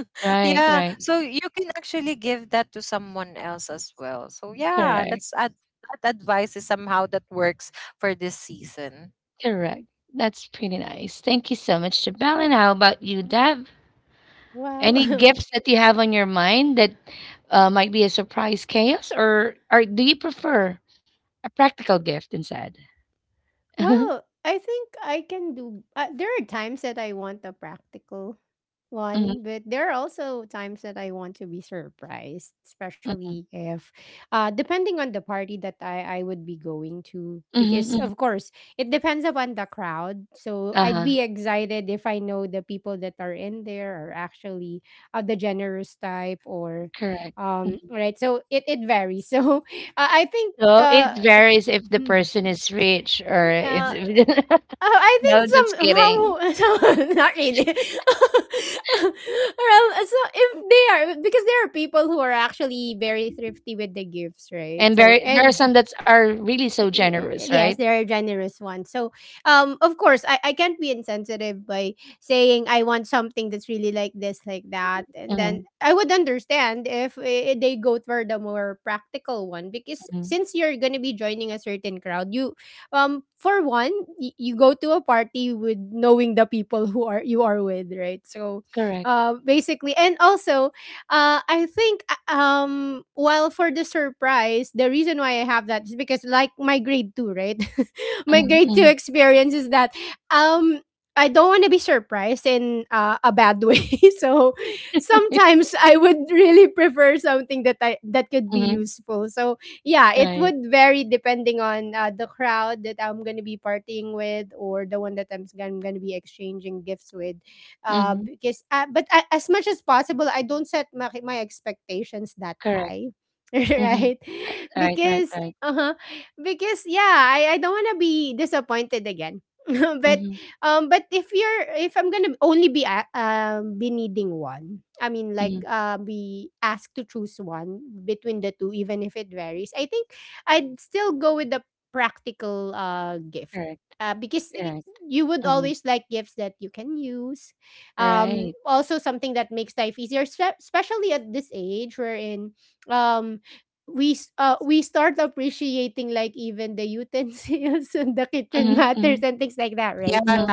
S2: (laughs)
S1: Right,
S2: Yeah,
S1: right.
S2: so you can actually give that to someone else as well. So yeah,
S1: Correct,
S2: that's that advice is somehow that works for this season.
S1: correct. That's pretty nice. Thank you so much, Jabal. And how about you, Dev? Any
S3: Well, (laughs)
S1: gifts that you have on your mind that might be a surprise chaos, or do you prefer a practical gift instead? (laughs)
S3: well, I think I can do. There are times that I want a practical
S1: Mhm, mhm,
S3: one, but there are also times that I want to be surprised,
S1: mhm,
S3: especially if, depending on the party that I would be going to,
S1: mhm,
S3: because of
S1: mhm.
S3: course it depends upon the crowd. So I'd
S1: Uh-huh.
S3: be excited if I know the people that are in there are actually of the generous type or,
S1: Correct. Mhm.
S3: right. So it varies. (laughs) So I think
S1: So it
S3: uh.
S1: varies if the
S3: (laughs)
S1: person is rich or
S3: uh,
S1: it's,
S3: I
S1: (laughs) no,
S3: think
S1: just
S3: some
S1: kidding.
S3: how (laughs) not really. (laughs) Well, so if they are, because there are people who are actually very thrifty with the gifts, right?
S1: And
S3: So
S1: very there are
S3: and
S1: some that are really so generous, right?
S3: yes, there are generous ones. So, of course, I can't be insensitive by saying I want something that's really like this, like that, and then
S1: Mhm,
S3: I would understand if eh, they go for the more practical one, because
S1: mhm.
S3: since you're gonna be joining a certain crowd, you, for one, you go to a party with knowing the people who are you are with, right? So,
S1: Correct.
S3: basically, and also I think while for the surprise, the reason why I have that is because like my grade two, right? (laughs) My
S1: Mhm,
S3: grade two
S1: mhm.
S3: experience is that um I don't want to be surprised in a bad way. (laughs) So sometimes I would really prefer something that I that could be
S1: Mhm.
S3: useful. So yeah,
S1: (laughs)
S3: it
S1: Right.
S3: would vary depending on the crowd that I'm gonna be partying with or the one that I'm gonna be exchanging gifts with,
S1: Mhm.
S3: because but I, as much as possible, I don't set my expectations that
S1: Correct.
S3: high, (laughs)
S1: Mhm.
S3: right?
S1: I Right, right,
S3: Because
S1: right.
S3: uh-huh, because yeah, I don't want to be disappointed again. (laughs) but
S1: Mhm,
S3: but if you're if I'm gonna only be needing one, I mean, like,
S1: mhm.
S3: be asked to choose one between the two. Even if it varies, I think I'd still go with the practical gift,
S1: Correct.
S3: uh because y-
S1: Right.
S3: you would
S1: Mhm.
S3: always like gifts that you can use.
S1: Right.
S3: Also something that makes life easier, especially at this age wherein um we start appreciating like even the utensils (laughs) and the kitchen
S1: Mhm,
S3: matters
S1: mhm,
S3: and things like that, right?
S2: Yeah,
S3: so
S1: mhm.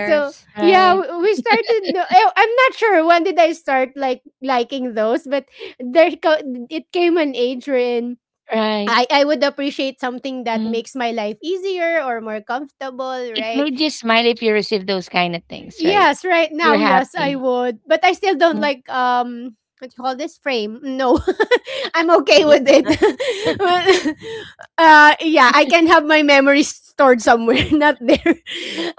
S3: so yeah,
S1: Right,
S3: we started, I'm not sure when did I start like liking those. But there co- it came an age wherein
S1: right.
S3: I would appreciate something that
S1: Mhm.
S3: makes my life easier or more comfortable,
S1: It
S3: right?
S1: made you smile if you receive those kind of things, right?
S3: Yes, right
S1: You're
S3: now, yes, I
S1: happy.
S3: would. But I still don't
S1: Mm,
S3: like what you call this, frame. No. (laughs) I'm okay with it. (laughs) But, yeah, I can have my memories stored somewhere, (laughs) not there. (laughs)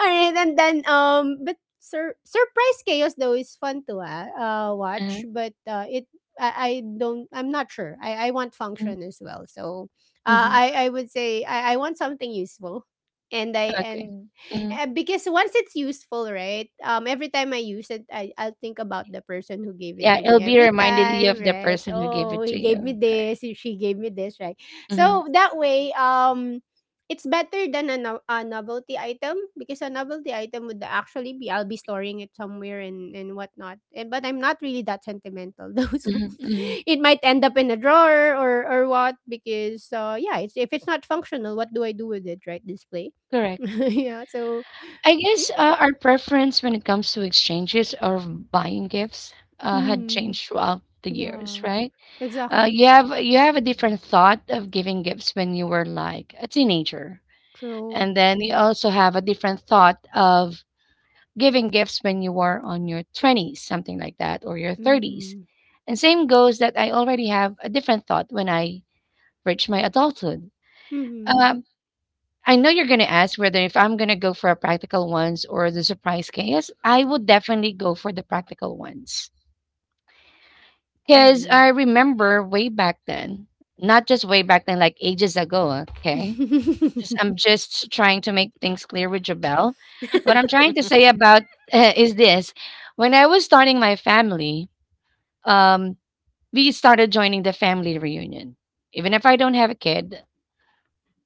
S3: Alright, and then, but surprise chaos though is fun to
S1: uh
S3: watch, but it, I don't, I'm not sure. I want
S1: mm,
S3: function as well. So
S1: mhm.
S3: I, would say I want something useful. And I
S1: Okay.
S3: and
S1: Mhm.
S3: Because once it's useful, right? Every time I use it, I'll think about the person who gave it
S1: Yeah,
S3: to
S1: it'll
S3: me
S1: be
S3: every
S1: reminded you
S3: time,
S1: of the
S3: right? So,
S1: person who gave
S3: oh,
S1: it to
S3: he gave me
S1: you, right?
S3: this, she gave me this, right?
S1: Mhm,
S3: So that way, it's better than a, a novelty item, because a novelty item would actually be I'll be storing it somewhere and whatnot. And but I'm not really that sentimental though, (laughs) so
S1: mhm, mhm.
S3: it might end up in a drawer or what, because yeah, it's if it's not functional, what do I do with it, right? Display. (laughs)
S1: Correct.
S3: yeah. So
S1: I guess our preference when it comes to exchanges or buying gifts had
S3: mhm.
S1: changed throughout the years,
S3: Yeah.
S1: right?
S3: Exactly.
S1: You have a different thought of giving gifts when you were like a teenager,
S3: True.
S1: and then you also have a different thought of giving gifts when you were on your twenties, something like that, or your thirties.
S3: Mhm.
S1: And same goes that I already have a different thought when I reach my adulthood.
S3: Mhm.
S1: Uh, I know you're gonna ask whether if I'm gonna go for a practical ones or the surprise chaos. I would definitely go for the practical ones. Because
S3: Mhm.
S1: I remember way back then, not just way back then, like ages ago, okay? Just, I'm just trying to make things clear with Jabel. What I'm trying to say
S2: (laughs)
S1: about is this. When I was starting my family, um, we started joining the family reunion. Even if I don't have a kid,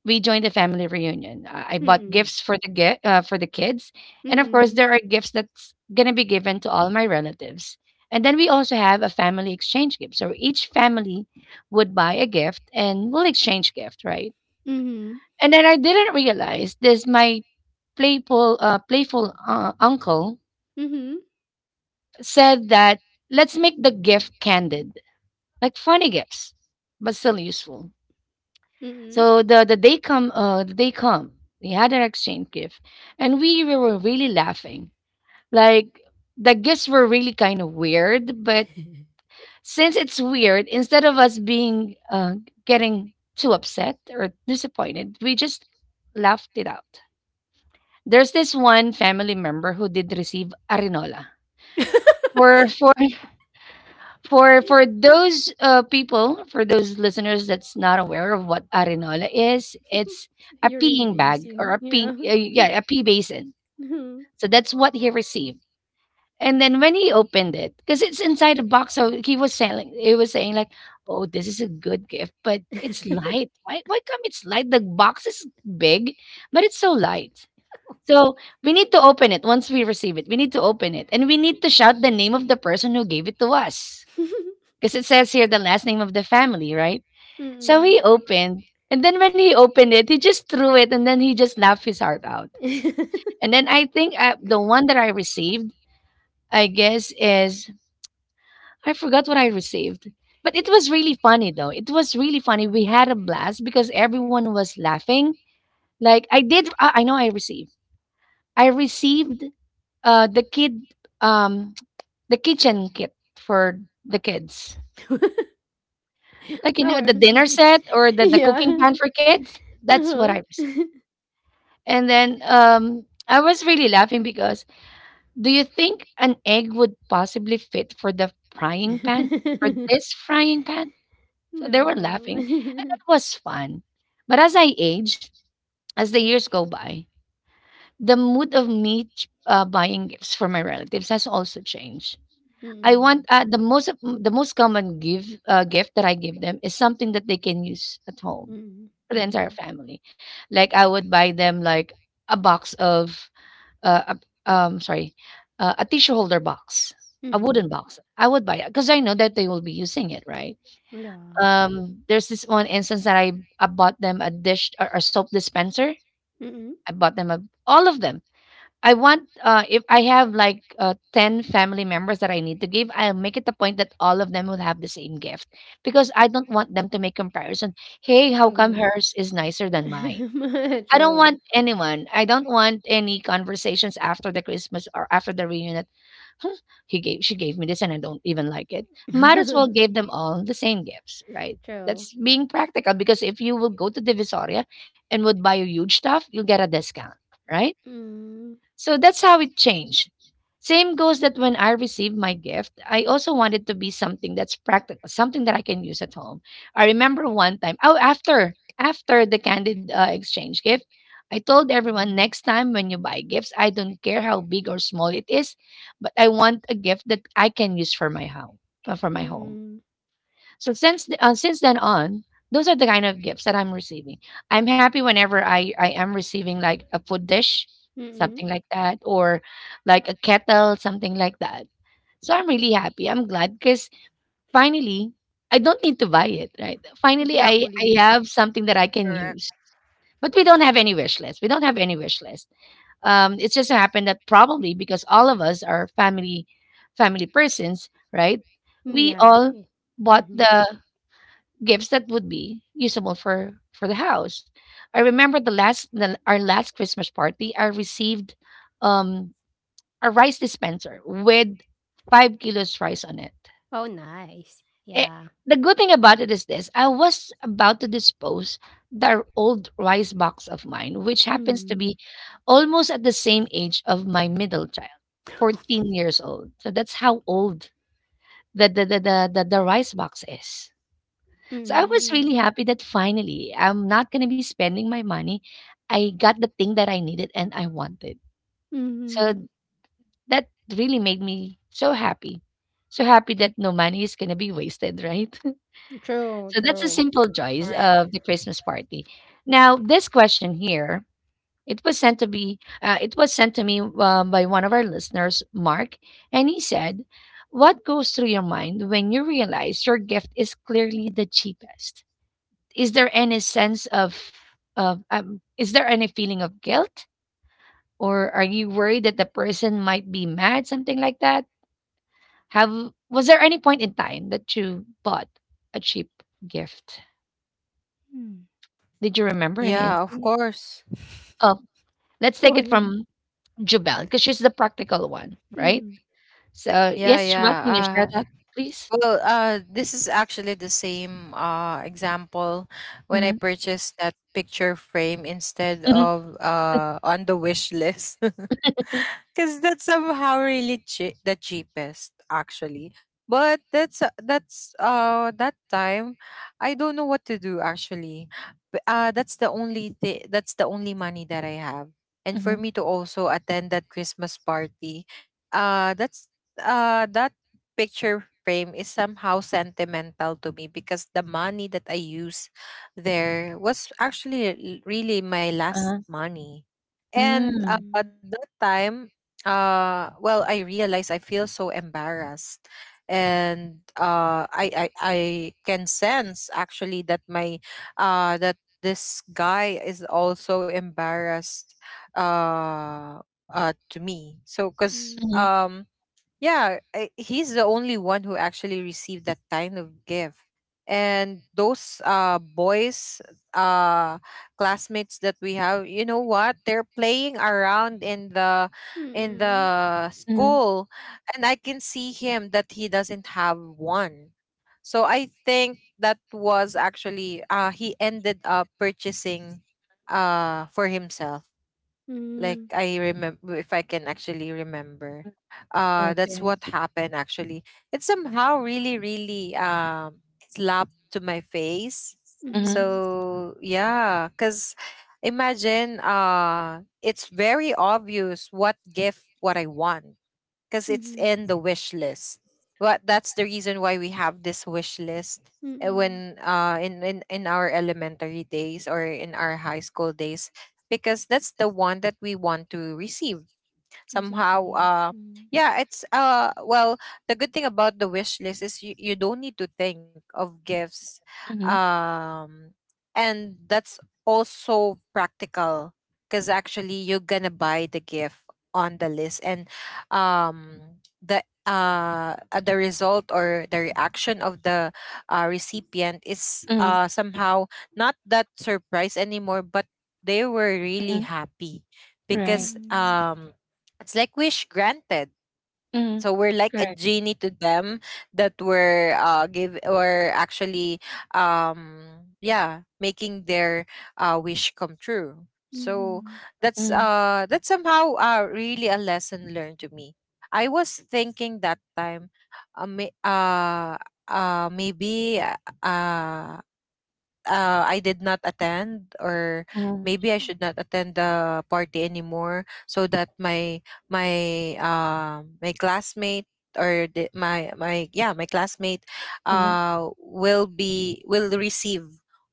S1: we joined a family reunion. I bought
S3: Mhm.
S1: gifts for the get for the kids, and of course,
S3: Mhm.
S1: there are gifts that's gonna be given to all my relatives. And then we also have a family exchange gift. So each family would buy a gift, and we'll exchange gift, right?
S3: Mhm.
S1: And then I didn't realize this. My playful, playful uncle
S3: Mhm.
S1: said that let's make the gift candid, like funny gifts, but still useful.
S3: Mhm.
S1: So the day come, we had our exchange gift, and we were really laughing. Like the gifts were really kind of weird, but since it's weird, instead of us being getting too upset or disappointed, we just laughed it out. There's this one family member who did receive arinola for for those people, for those listeners that's not aware of what arenola is, it's
S3: (laughs)
S1: a
S3: Urine
S1: peeing bag, or
S3: basin.
S1: a
S3: Yeah.
S1: pee, yeah, a pee basin.
S3: (laughs) Mhm.
S1: So that's what he received. And then when he opened it, because it's inside a box, so he was selling. He was saying like, "Oh, this is a good gift, but it's light. Why? Why come it's light? The box is big, but it's so light." So we need to open it once we receive it. We need to open it, and we need to shout the name of the person who gave it to us, because it says here the last name of the family, right? So
S3: Mhm.
S1: he opened, and then when he opened it, he just threw it, and then he just laughed his heart out.
S3: (laughs)
S1: And then I think the one that I received, I guess, is, I forgot what I received, but it was really funny though. It was really funny. We had a blast because everyone was laughing. Like I did, I know I received. I received the kid um (tsk) the kitchen kit for the kids. Like, you know,
S3: Our.
S1: the dinner
S3: (laughs)
S1: set or the cooking
S3: Yeah.
S1: pan for kids? That's what
S3: Uh-huh.
S1: I received. And then, I was really laughing because, do you think an egg would possibly fit for the frying pan? For this
S3: (laughs)
S1: frying pan? So they were
S3: No.
S1: laughing, and it
S3: (laughs)
S1: was fun. But as I age, as the years go by, the mood of me buying gifts for my relatives has also changed. I
S3: Mm.
S1: want the the most common give gift that I give them is something that they can use at home
S3: Mm.
S1: for the entire
S3: Mm.
S1: family. Like I would buy them like a box of uh a, um sorry, a tissue holder box, a wooden
S3: Mm.
S1: box. I would buy it because I know that they will be using it, right?
S3: Yeah.
S1: There's this one instance that I bought them a dish or a soap dispenser.
S3: Mm.
S1: I bought them a, all of them. I want if I have like 10 family members that I need to give, I'll make it a point that all of them will have the same gift because I don't want them to make comparison. Hey, how come
S3: True.
S1: hers is nicer than mine?
S3: (laughs)
S1: I don't
S3: True.
S1: want anyone. I don't want any conversations after the Christmas or after the reunion. That, "Hmm, he gave, she gave me this, and I don't even like it. Might as well give
S3: (laughs)
S1: them all the same gifts, right?"
S3: True.
S1: That's being practical because if you will go to Divisoria and would buy a huge stuff, you'll get a discount, right?
S3: Mm.
S1: So that's how it changed. Same goes that when I received my gift, I also wanted to be something that's practical, something that I can use at home. I remember one time, oh, after the candid exchange gift, I told everyone next time when you buy gifts, I don't care how big or small it is, but I want a gift that I can use for my home, for my home.
S3: Mm.
S1: So since then on, those are the kind of gifts that I'm receiving. I'm happy whenever I am receiving like a food dish,
S3: Mm.
S1: something like that, or like a kettle, something like that. So I'm really happy. I'm glad because finally I don't need to buy it, right? Finally, I
S3: Exactly.
S1: have something that I can use.
S2: Correct,
S1: But we don't have any wish list. We don't have any wish list. It's just so happened that probably because all of us are family family persons, right?
S3: Mm,
S1: We
S3: yeah.
S1: all
S3: Yeah.
S1: bought
S3: Mm-hmm.
S1: the gifts that would be usable for the house. I remember our last Christmas party, I received um a rice dispenser with 5 kilos rice on it.
S3: Oh, nice.
S1: Eh,
S3: Yeah.
S1: the good thing about it is this: I was about to dispose the old rice box of mine, which happens to
S3: Mm.
S1: be almost at the same age of my middle child, 14 years old. So that's how old the rice box is. So I was
S3: Mm.
S1: really happy that finally I'm not gonna be spending my money. I got the thing that I needed and I wanted. So
S3: Mm.
S1: that really made me so happy. So happy that no money is gonna be wasted, right? (laughs)
S3: True.
S1: So that's the
S3: True.
S1: simple joys of
S2: correct.
S1: the Christmas party. Now this question here, it was it was sent to me by one of our listeners, Mark, and he said, "What goes through your mind when you realize your gift is clearly the cheapest?" Is there any sense of is there any feeling of guilt or are you worried that the person might be mad, something like that? Have, was there any point in time that you bought a cheap gift?
S3: Mm.
S1: Did you remember any
S2: Yeah, of
S1: instance?
S2: course.
S1: Oh, let's
S3: (laughs)
S1: take
S3: Go
S1: it
S3: ahead.
S1: from Jubel because she's the practical one, right?
S3: Mm.
S1: So
S2: Yeah,
S1: yes,
S2: yeah.
S1: Jubel, can you share
S2: Uh,
S1: that, please?
S2: well, this is actually the same, example when I
S1: Mm-hmm.
S2: purchased that picture frame instead
S1: Mm-hmm.
S2: of,
S1: (laughs)
S2: on the wish list. (laughs) Because that's somehow really the cheapest actually, but that's that time I don't know what to do actually. That's the only thing, that's the only money that I have, and for
S1: Mm-hmm.
S2: me to also attend that Christmas party. Uh, that's uh, that picture frame is somehow sentimental to me because the money that I use there was actually really my last
S1: Uh-huh.
S2: money, and
S1: Mm-hmm.
S3: Hmm.
S2: at that time, uh, well, I realize I feel so embarrassed, and uh, I can sense actually that my, that this guy is also embarrassed, uh uh, to me, so because
S3: Mm.
S1: Mm-hmm.
S2: um, yeah, I, he's the only one who actually received that kind of gift. And those uh, boys, uh classmates that we have, you know what? They're playing around in
S3: Mm.
S2: the
S1: Mm-hmm.
S2: school, and I can see him that he doesn't have one. So I think that was actually, uh, he ended up purchasing for himself, like,
S3: Mm.
S2: I remember, if I can actually remember,
S1: Mm-hmm.
S2: uh, that's
S1: Okay.
S2: what happened actually. It somehow really really slapped to my face.
S1: Mm-hmm.
S3: Mm.
S2: So yeah, because imagine, uh, it's very obvious what gift what I want, because it's
S3: Mm.
S2: in the wish list. What, that's the reason why we have this wish list,
S3: Mm.
S2: when uh, in, in our elementary days or in our high school days, because that's the one that we want to receive somehow.
S3: Exactly.
S2: Uh,
S3: Mm.
S2: yeah, it's uh, well, the good thing about the wish list is, you don't need to think of gifts,
S1: Mm-hmm.
S2: um, and that's also practical because actually you're gonna buy the gift on the list. And um, the result or the reaction of the, recipient is
S1: Mm-hmm.
S2: uh, somehow not that surprise anymore, but they were really
S1: Mm-hmm.
S2: happy
S1: Right.
S2: because
S3: Mm.
S2: um, it's like wish granted.
S1: Mm-hmm.
S2: So we're like a
S1: Correct.
S2: genie to them, that we're uh, give, or actually um, yeah, making their, wish come true. So
S3: Mm.
S2: that's
S1: Mm,
S2: uh, that's somehow uh, really a lesson learned to me. I was thinking that time, may, uh, maybe, uh, I did not attend, or
S1: mm,
S2: maybe I should not attend the party anymore, so that my, my classmate, or the, my yeah, my classmate,
S1: mhm,
S2: uh, will be, will receive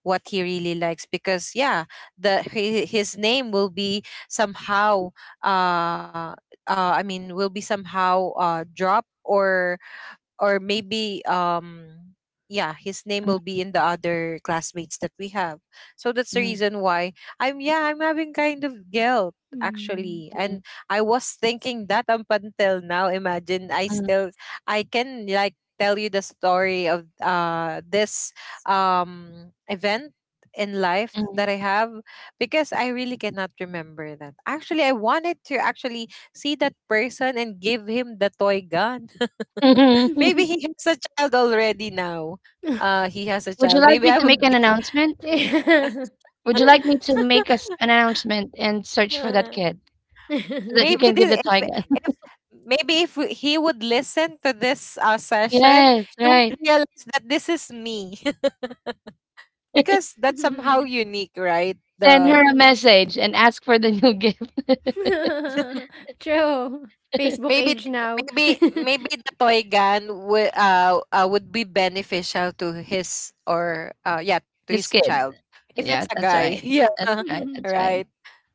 S2: what he really likes. Because yeah, the his name will be somehow, uh uh, I mean, will be somehow uh, dropped, or maybe um, yeah, his name
S1: mhm,
S2: will be in the other classmates that we have. So that's the
S1: mhm,
S2: reason why, I'm, yeah, I'm having kind of guilt
S3: Mm.
S2: actually.
S1: mhm,
S2: And I was thinking that up until now, imagine, I
S1: mhm,
S2: still, I can like tell you the story of uh, this um, event in life
S1: mhm.
S2: that I have, because I really cannot remember that actually I wanted to actually see that person and give him the toy gun.
S1: Mhm.
S2: Maybe
S1: (laughs)
S2: he has a child already now.
S3: (laughs)
S2: He has a
S1: Would you
S2: child.
S1: like me
S2: Maybe
S1: to
S2: I
S1: make an
S2: would give.
S1: announcement?
S3: Yeah.
S2: (laughs)
S1: Would you like me to make us an announcement and search for that kid so that you
S2: Maybe
S1: can give the
S2: this, if
S1: toy gun?
S2: if
S1: (laughs)
S2: maybe if he would listen to this, session,
S1: Yes,
S2: he would
S1: right.
S2: realize that this is me. (laughs) Because that's somehow
S3: Mhm.
S2: unique, right?
S1: Send her
S2: The,
S1: a
S3: Mhm.
S1: message and ask for the new gift.
S3: (laughs) True. Facebook
S1: (laughs)
S2: maybe
S3: age
S2: the,
S3: now.
S2: maybe
S3: (laughs)
S2: maybe the toy gun would, uh, would be beneficial to his, or uh, yeah, to his
S1: His kids.
S2: child if it's
S1: Yes,
S2: a
S1: that's
S2: guy. (laughs)
S1: right.
S2: Yeah,
S1: That's
S2: (laughs)
S1: right. That's right.
S2: right.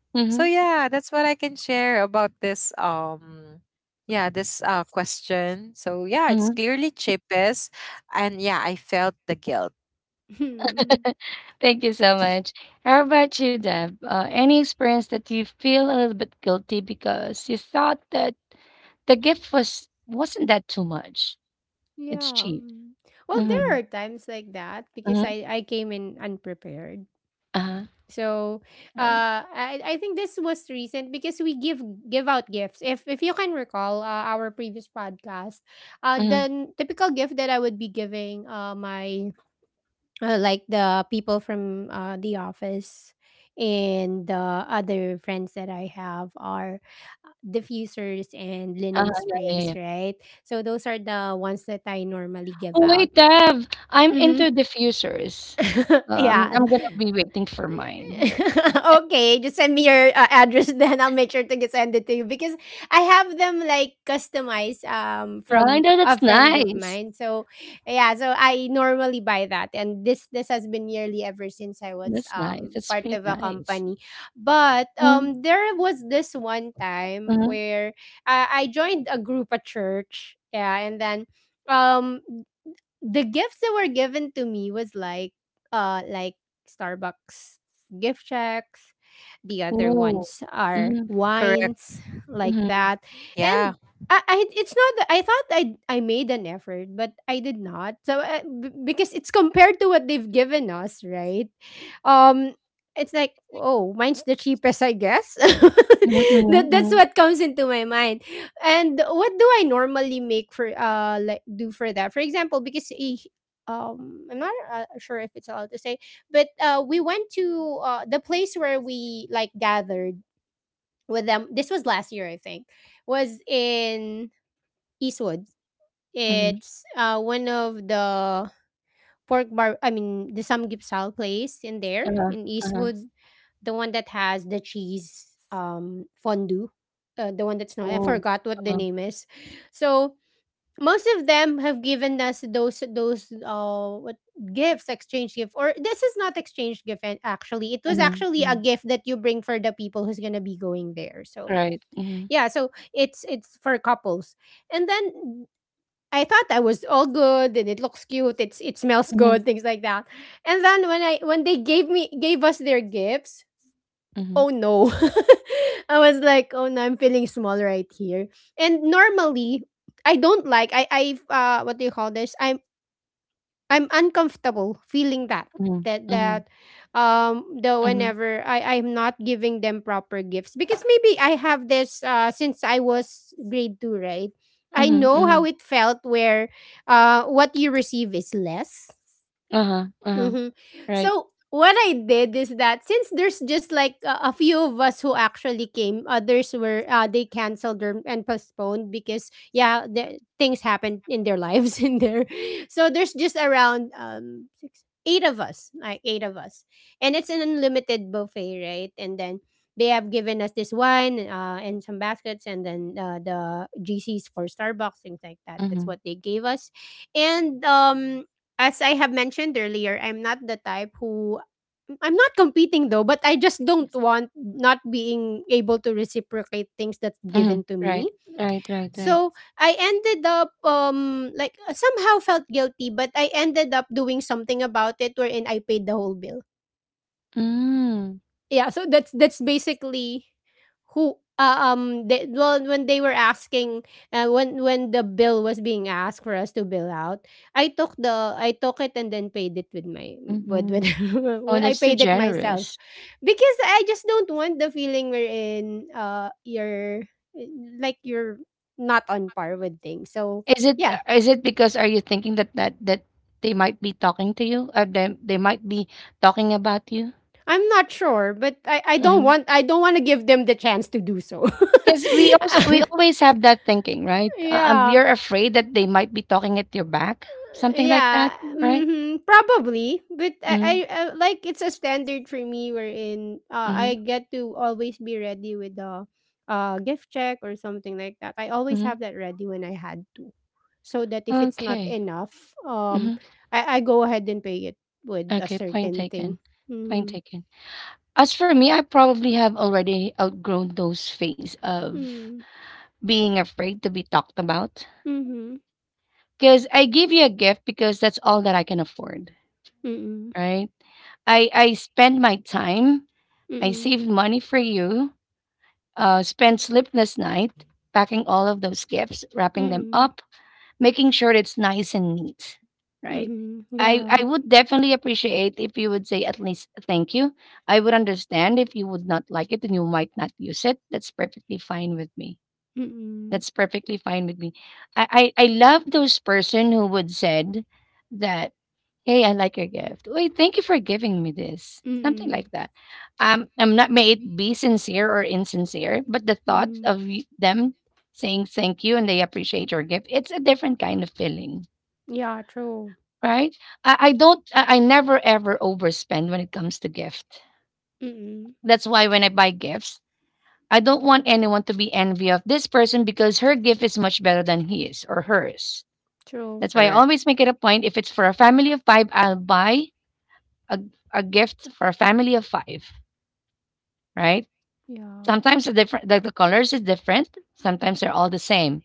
S1: Hmm.
S2: So yeah, that's what I can share about this um, yeah, this uh, question. So yeah, it's
S1: Hmm.
S2: clearly cheapest and yeah, I felt the guilt.
S3: Hmm.
S1: Thank you so much. How about you, Deb? Any experience that you feel a little bit guilty because you thought that the gift was wasn't that too much? It's
S3: Yeah.
S1: cheap.
S3: Mm. Well, there
S1: Mhm,
S3: are times like that because
S1: mhm,
S3: I came in unprepared.
S1: uh-huh,
S3: So,
S1: right.
S3: I think this was recent because we give out gifts. If you can recall, our previous podcast, the
S1: Mhm,
S3: typical gift that I would be giving my, like, the people from, the office and the other friends that I have are, diffusers and linen
S1: uh-huh, yeah, yeah, yeah, yeah.
S3: sprays, right? So those are the ones that I normally
S1: Oh,
S3: give out.
S1: wait, Dev, I'm
S3: Mm-hmm.
S1: into diffusers.
S3: (laughs) yeah.
S1: I'm gonna be waiting for
S3: (laughs)
S1: mine.
S3: okay, just send me your, address, (laughs) then I'll make sure to get send it to you because I have them like customized
S1: Yeah, I
S3: from
S1: know,
S3: a
S1: that's
S3: friend of
S1: nice.
S3: mine. So yeah, so I normally buy that, and this has been yearly ever since I was
S1: That's nice. That's
S3: part
S1: pretty
S3: of a
S1: nice.
S3: company. But
S1: Mhm,
S3: there was this one time
S1: mhm.
S3: where I joined a group at church. Yeah, and then um the gifts that were given to me was like, uh like Starbucks gift checks. The other
S1: Ooh.
S3: ones are
S1: Mhm,
S2: Correct.
S3: wines like
S1: mhm,
S3: that.
S2: Yeah,
S3: And I it's not that I thought I made an effort, but I did not. So because it's compared to what they've given us, right? Um it's like, oh, mine's the cheapest, I guess. (laughs)
S1: mhm, mhm,
S3: That's
S1: mhm,
S3: what comes into my mind. And what do I normally make for, like, do for that? For example, because I'm not, sure if it's allowed to say, but we went to, the place where we like gathered with them. This was last year, I think. Was in Eastwood.
S1: mhm.
S3: It's one of the pork bar, I mean, the samgyeopsal place in there
S1: Uh-huh,
S3: in
S1: uh-huh.
S3: Eastwood, the one that has the cheese, fondue. The one that's not, I
S1: Ooh,
S3: forgot what the
S1: uh-huh,
S3: name is. So most of them have given us those what gifts, exchange gift, or this is not exchange gift, and actually it was
S1: mhm,
S3: actually a
S1: mhm.
S3: gift that you bring for the people who's gonna be going there. So
S1: Right. Mhm,
S3: yeah, so it's for couples, and then I thought I was all good, and it looks cute, it's, it smells
S1: mhm,
S3: good, things like that. And then when I when they gave us their gifts,
S1: mhm,
S3: oh no. (laughs) I was like, oh no, I'm feeling small right here. And normally, I don't like, I, what do you call this? I'm uncomfortable feeling that,
S1: mhm,
S3: that
S1: mhm,
S3: that the
S1: mhm,
S3: whenever I'm not giving them proper gifts, because maybe I have this since I was grade 2, right? I
S1: mhm,
S3: know how
S1: mhm.
S3: it felt where what you receive is less.
S1: Uh-huh, uh-huh.
S3: Mm-hmm.
S1: Right.
S3: So what I did is that since there's just like a few of us who actually came, others were, they canceled or, and postponed because yeah, things happened in their lives (laughs) in there. So there's just around, six, eight of us, like eight of us, and it's an unlimited buffet, right? And then they have given us this wine, and some baskets, and then, the GCs for Starbucks, things like that. That's
S1: Mhm,
S3: what they gave us. And as I have mentioned earlier, I'm not the type who, I'm not competing though, but I just don't want not being able to reciprocate things that's
S1: mhm.
S3: given to
S1: Right,
S3: me.
S1: right, right, right.
S3: So I ended up, like, somehow felt guilty, but I ended up doing something about it wherein I paid the whole bill.
S1: Mm.
S3: Yeah, so that's basically who, they, well, when they were asking, when the bill was being asked for us to bill out, I took it and then paid it with my, with,
S1: Mm-hmm.
S3: with
S1: Oh,
S3: (laughs) I
S1: that's too
S3: paid it myself
S1: generous.
S3: because I just don't want the feeling wherein you're, like, you're not on par with things. So yeah,
S1: Is it because are you thinking that that they might be talking to you or they might be talking about you?
S3: I'm not sure, but i don't want, to give them the chance to do so. (laughs)
S1: Because we also we
S3: (laughs)
S1: always have that thinking, right?
S3: yeah.
S1: You're afraid that they might be talking at your back, something like
S3: Yeah,
S1: that, right?
S3: mhm, probably. But I, I,
S1: Mm-hmm,
S3: I like, it's a standard for me wherein,
S1: mm-hmm,
S3: I get to always be ready with the, gift check or something like that. I always
S1: mm-hmm.
S3: have that ready when I had to, so that if it's not
S1: Okay.
S3: enough, um,
S1: Mm-hmm.
S3: I go ahead and pay it with a
S1: Okay. Point
S3: certain thing.
S1: taken. Point
S3: Mm,
S1: taken. As for me, I probably have already outgrown those phase of
S3: mm,
S1: being afraid to be talked about.
S3: mm-hmm,
S1: Because I give you a gift because that's all that I can afford,
S3: mm-mm,
S1: right? I spend my time, I
S3: mm-mm,
S1: saved money for you, spent sleepless night packing all of those gifts, wrapping them
S3: mm-mm,
S1: up, making sure it's nice and neat, right?
S3: mm-mm,
S1: I,
S3: yeah,
S1: I would definitely appreciate if you would say at least thank you. I would understand if you would not like it and you might not use it. That's perfectly fine with me.
S3: mm-mm,
S1: That's perfectly fine with me. I love those person who would said that, "Hey, I like your gift. Wait, thank you for giving me this." Something
S3: mm-mm,
S1: like that. I'm not, may it be sincere or insincere, but the thought
S3: mm-mm,
S1: of them saying thank you and they appreciate your gift, it's a different kind of feeling,
S3: yeah, true,
S1: right? I don't. I never ever overspend when it comes to gift.
S3: mm-mm,
S1: That's why when I buy gifts, I don't want anyone to be envy of this person because her gift is much better than his or hers.
S3: true.
S1: That's why I
S2: correct.
S1: always make it a point if it's for a family of five, I'll buy a, a gift for a family of five, right?
S3: Yeah.
S1: Sometimes the different the colors is different. Sometimes they're all the same.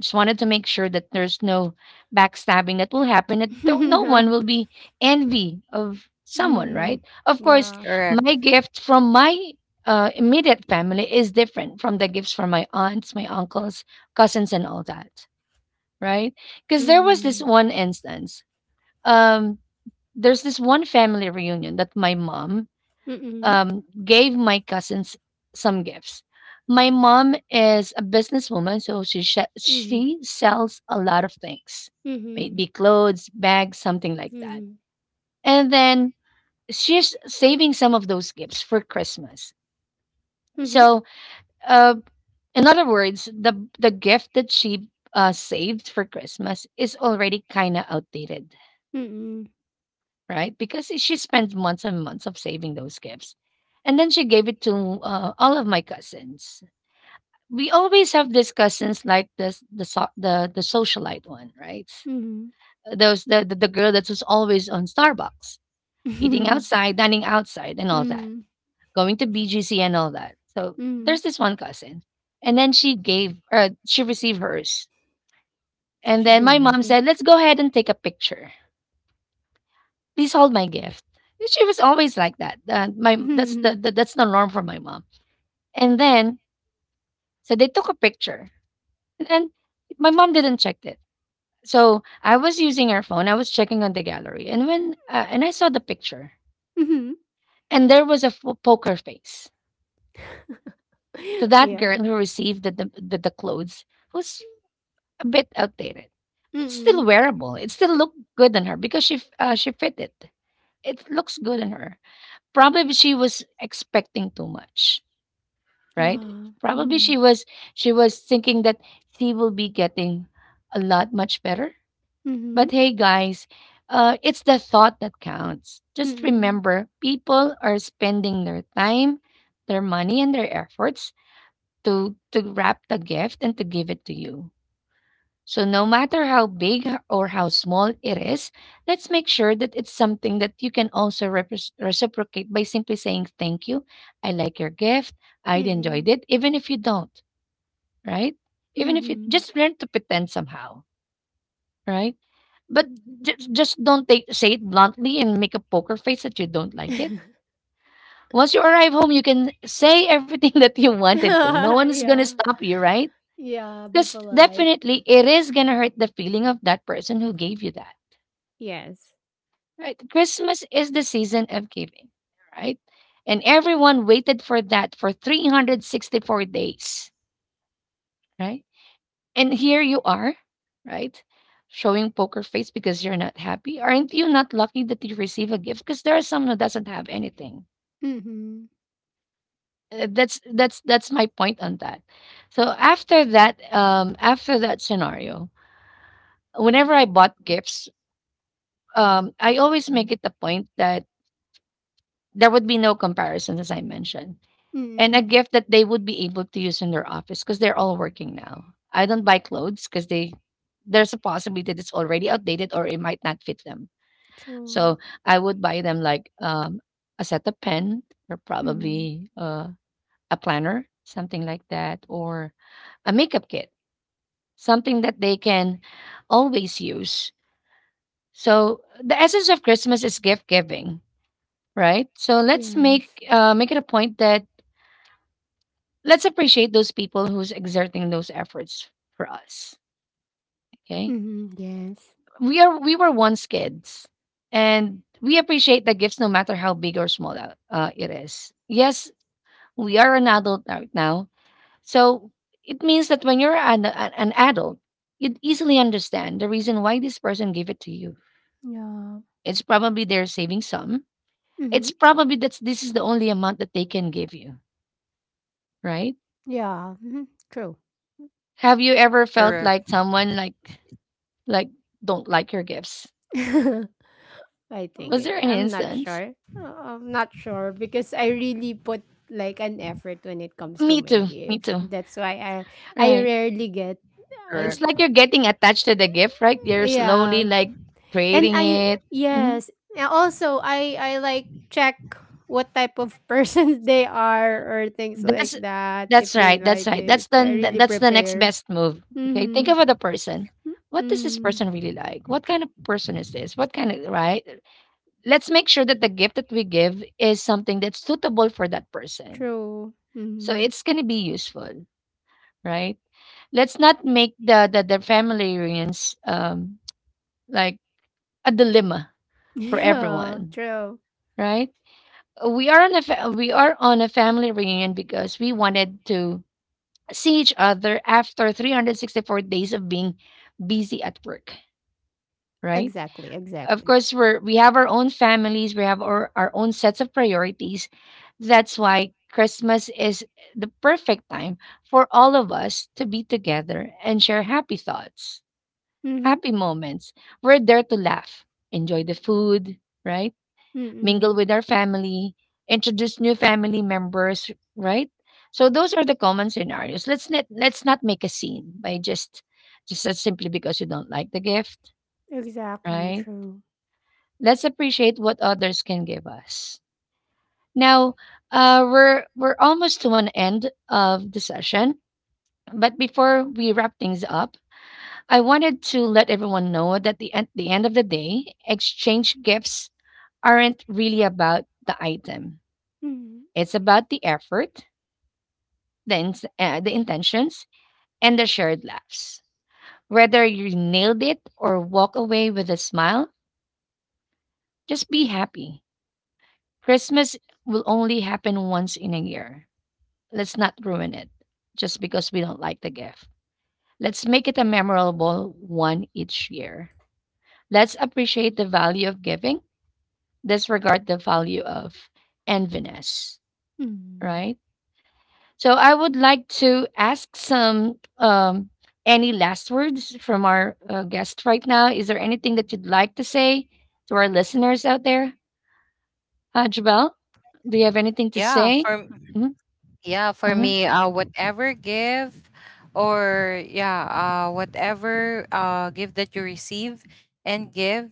S1: Just wanted to make sure that there's no backstabbing that will happen. That no
S3: (laughs)
S1: one
S3: yeah.
S1: will be envy of someone, right?
S3: Mm.
S1: Of course,
S3: Yeah.
S1: my
S2: Correct.
S1: gift from my immediate family is different from the gifts from my aunts, my uncles, cousins, and all that, right? Because there was this
S3: Mm.
S1: one instance. Um, there's this one family reunion that my mom
S3: Mm.
S1: gave my cousins some gifts. My mom is a businesswoman, so
S3: Mm.
S1: she sells a lot of things,
S3: Mm.
S1: maybe clothes, bags, something like that.
S3: Mm.
S1: And then she's saving some of those gifts for Christmas.
S3: Mm.
S1: So, uh, in other words, the gift that she saved for Christmas is already kind of outdated,
S3: Mm. Mm.
S1: right? Because she spent months and months of saving those gifts. And then she gave it to all of my cousins. We always have these cousins like this, the socialite one, right?
S3: Mm.
S1: Those the, the girl that was always on Starbucks, eating
S3: (laughs)
S1: outside, dining outside, and all that,
S3: Mm.
S1: going to BGC and all that. So there's
S3: Mm.
S1: this one cousin, and then she received hers, and
S3: She
S1: then my
S3: didn't
S1: mom
S3: like it.
S1: said, "Let's go ahead and take a picture. Please hold my gift." She was always like that. My
S3: (laughs)
S1: that's
S3: Mm.
S1: the That's the norm for my mom. And then so they took a picture, and then my mom didn't check it. So I was using her phone. I was checking on the gallery, and when and I saw the picture,
S3: Mm.
S1: and there was a poker face to
S3: (laughs)
S1: that
S3: Yeah.
S1: girl who received the the clothes was a bit outdated, but still
S3: Mm.
S1: wearable. It still looked good on her because she fit it. It looks good on her. Probably she was expecting too much, right?
S3: Yeah.
S1: Probably
S3: Mm.
S1: she was thinking that she will be getting a lot much better. But
S3: Mm.
S1: hey guys, it's the thought that counts. Just
S3: Mm.
S1: remember people are spending their time, their money and their efforts to wrap the gift and to give it to you. So no matter how big h- or how small it is, let's make sure that it's something that you can also repres reciprocate by simply saying thank you. I like your gift. I'd enjoyed
S3: Mm.
S1: it, even if you don't, right? Even if you
S3: Mm.
S1: just learn to pretend somehow, right? But just don't take say it bluntly and make a poker face that you don't like it. Once you arrive home, you can say everything (laughs) that you wanted to. No one
S3: (laughs)
S1: is gonna
S3: Yeah.
S1: stop you, right?
S3: Yeah. Be
S1: Because
S3: polite.
S1: definitely it is gonna hurt the feeling of that person who gave you that.
S3: Yes.
S1: Right? Christmas is the season of giving, right? And everyone waited for that for 364 days, right? And here you are, right? Showing poker face because you're not happy. Aren't you not lucky that you receive a gift? Because there are some who doesn't have anything.
S3: Mm.
S1: That's my point on that. So after that scenario, whenever I bought gifts, I always make it the point that there would be no comparison, as I mentioned, and a
S3: Mm.
S1: gift that they would be able to use in their office because they're all working now. I don't buy clothes because they there's a possibility that it's already outdated or it might not fit them.
S3: True.
S1: So I would buy them like a set of pen or
S3: Mm.
S1: probably a planner, something like that, or a makeup kit, something that they can always use. So the essence of Christmas is gift giving, right? So let's
S3: Yes.
S1: make it a point that let's appreciate those people who's exerting those efforts for us. Okay,
S3: Mhm, yes.
S1: we were once kids, and we appreciate the gifts no matter how big or small it is. Yes, we are an adult right now. So it means that when you're an adult, you'd easily understand the reason why this person gave it to you.
S3: Yeah.
S1: It's probably they're saving some. It's
S3: Mhm.
S1: probably that this is the only amount that they can give you, right?
S3: Yeah. Mhm. True.
S1: Have you ever
S2: Correct.
S1: felt like someone like don't like your gifts?
S3: (laughs) I think
S1: Was
S3: it,
S1: there any
S3: I'm not
S1: instance?
S3: sure. I'm not sure because I really put like an effort when it comes to
S1: Me
S3: my
S1: too. Me
S3: gift.
S1: too.
S3: That's why I I
S1: Right.
S3: rarely get,
S2: Correct.
S3: uh,
S1: It's like you're getting attached to the gift, right? You're slowly
S3: yeah.
S1: like
S3: And
S1: creating
S3: I,
S1: it. Mm-hmm.
S3: yes. And also I like check what type of persons (laughs) they are or things like
S1: That's
S3: that if
S1: that's
S3: they
S1: right, that's
S3: like
S1: right.
S3: it.
S1: That's
S3: I really
S1: that's the next
S3: prepare.
S1: best move. Okay, think
S3: Mhm.
S1: about the person. What does this
S3: Mhm.
S1: person really like? What kind of person is this? What kind of, right? Let's make sure that the gift that we give is something that's suitable for that person.
S3: True.
S1: So
S3: Mhm. (laughs)
S1: it's gonna be useful, right? Let's not make the family reunions like a dilemma for
S3: Yeah,
S1: everyone,
S3: true.
S1: right? We are on a family reunion because we wanted to see each other after 364 days of being busy at work, right?
S3: Exactly,
S1: Of
S3: exactly.
S1: course, we have our own families, our own sets of priorities. That's why Christmas is the perfect time for all of us to be together and share happy thoughts,
S3: Mhm.
S1: happy moments. We're there to laugh, enjoy the food, right? Mingle
S3: Mm.
S1: with our family, introduce new family members, right? So those are the common scenarios. Let's not make a scene by just as simply because you don't like the gift,
S3: Exactly,
S1: right?
S3: true.
S1: Let's appreciate what others can give us. Now, we're almost to an end of the session, but before we wrap things up, I wanted to let everyone know that the at the end of the day, exchange gifts aren't really about the item.
S3: Mhm.
S1: It's about the effort, the the intentions, and the shared laughs. Whether you nailed it or walk away with a smile, just be happy. Christmas will only happen once in a year. Let's not ruin it just because we don't like the gift. Let's make it a memorable one each year. Let's appreciate the value of giving, disregard the value of enviness,
S3: Mhm.
S1: right? So I would like to ask some any last words from our guest right now. Is there anything that you'd like to say to our listeners out there, Jabal? Do you have anything to
S2: Yeah,
S1: say?
S2: for,
S1: hmm
S2: yeah, for
S1: hmm
S2: me, uh, whatever give, or yeah, uh, whatever uh, give that you receive and give,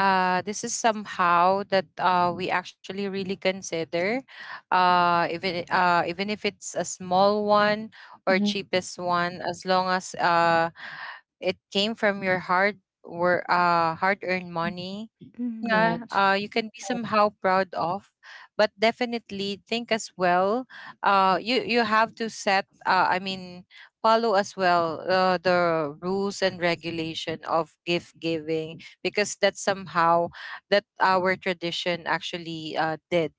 S2: this is somehow that we actually really consider, even, even if it's a small one or
S1: hmm
S2: cheapest one, as long as it came from your hard work, uh, hard earned money, yeah,
S3: Mhm.
S1: Correct.
S2: uh, you can be somehow proud of. But definitely think as well, uh, you have to set I mean, follow as well, the rules and regulation of gift giving, because that's somehow that our tradition actually did.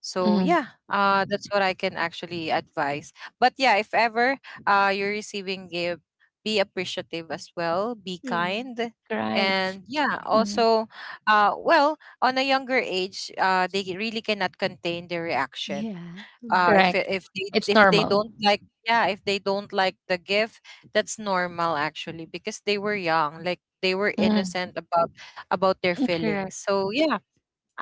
S2: So
S1: hmm
S2: yeah, that's what I can actually advise. But yeah, if ever, you're receiving gift, be appreciative as well. Be
S3: Mhm.
S2: kind,
S1: Correct.
S2: and yeah,
S1: hmm
S2: also, well, on a younger age, they really cannot contain their reaction.
S3: Yeah. Mhm.
S2: If
S1: Correct.
S2: if they,
S1: It's
S2: if they
S1: normal.
S2: don't like, yeah, if they don't like the gift, that's normal actually, because they were young, like they were
S1: hmm
S2: innocent about their
S1: Correct.
S2: feelings. So yeah,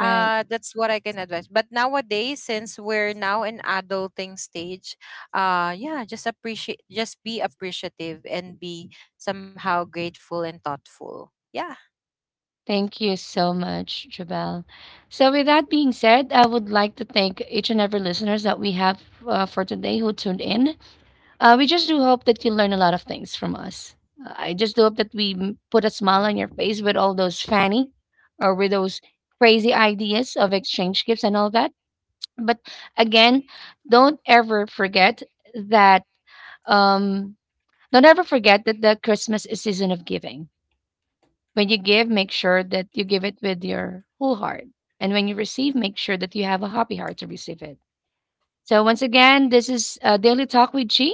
S1: Right.
S2: that's what I can advise. But nowadays, since we're now in adulting stage, uh, yeah, just appreciate, just be appreciative, and be somehow grateful and thoughtful. Yeah.
S1: Thank you so much, Jabal. So, with that being said, I would like to thank each and every listeners that we have for today who tuned in. We just do hope that you learn a lot of things from us. I just do hope that put a smile on your face with all those fanny or with those crazy ideas of exchange gifts and all that. But again, don't ever forget that um, don't ever forget that the Christmas is season of giving. When you give, make sure that you give it with your whole heart. And when you receive, make sure that you have a happy heart to receive it. So once again, this is Daily Talk with Chi,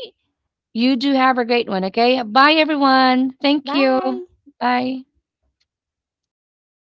S1: you do have a great one, okay? Bye, everyone. Thank you.
S3: Bye.
S1: Bye.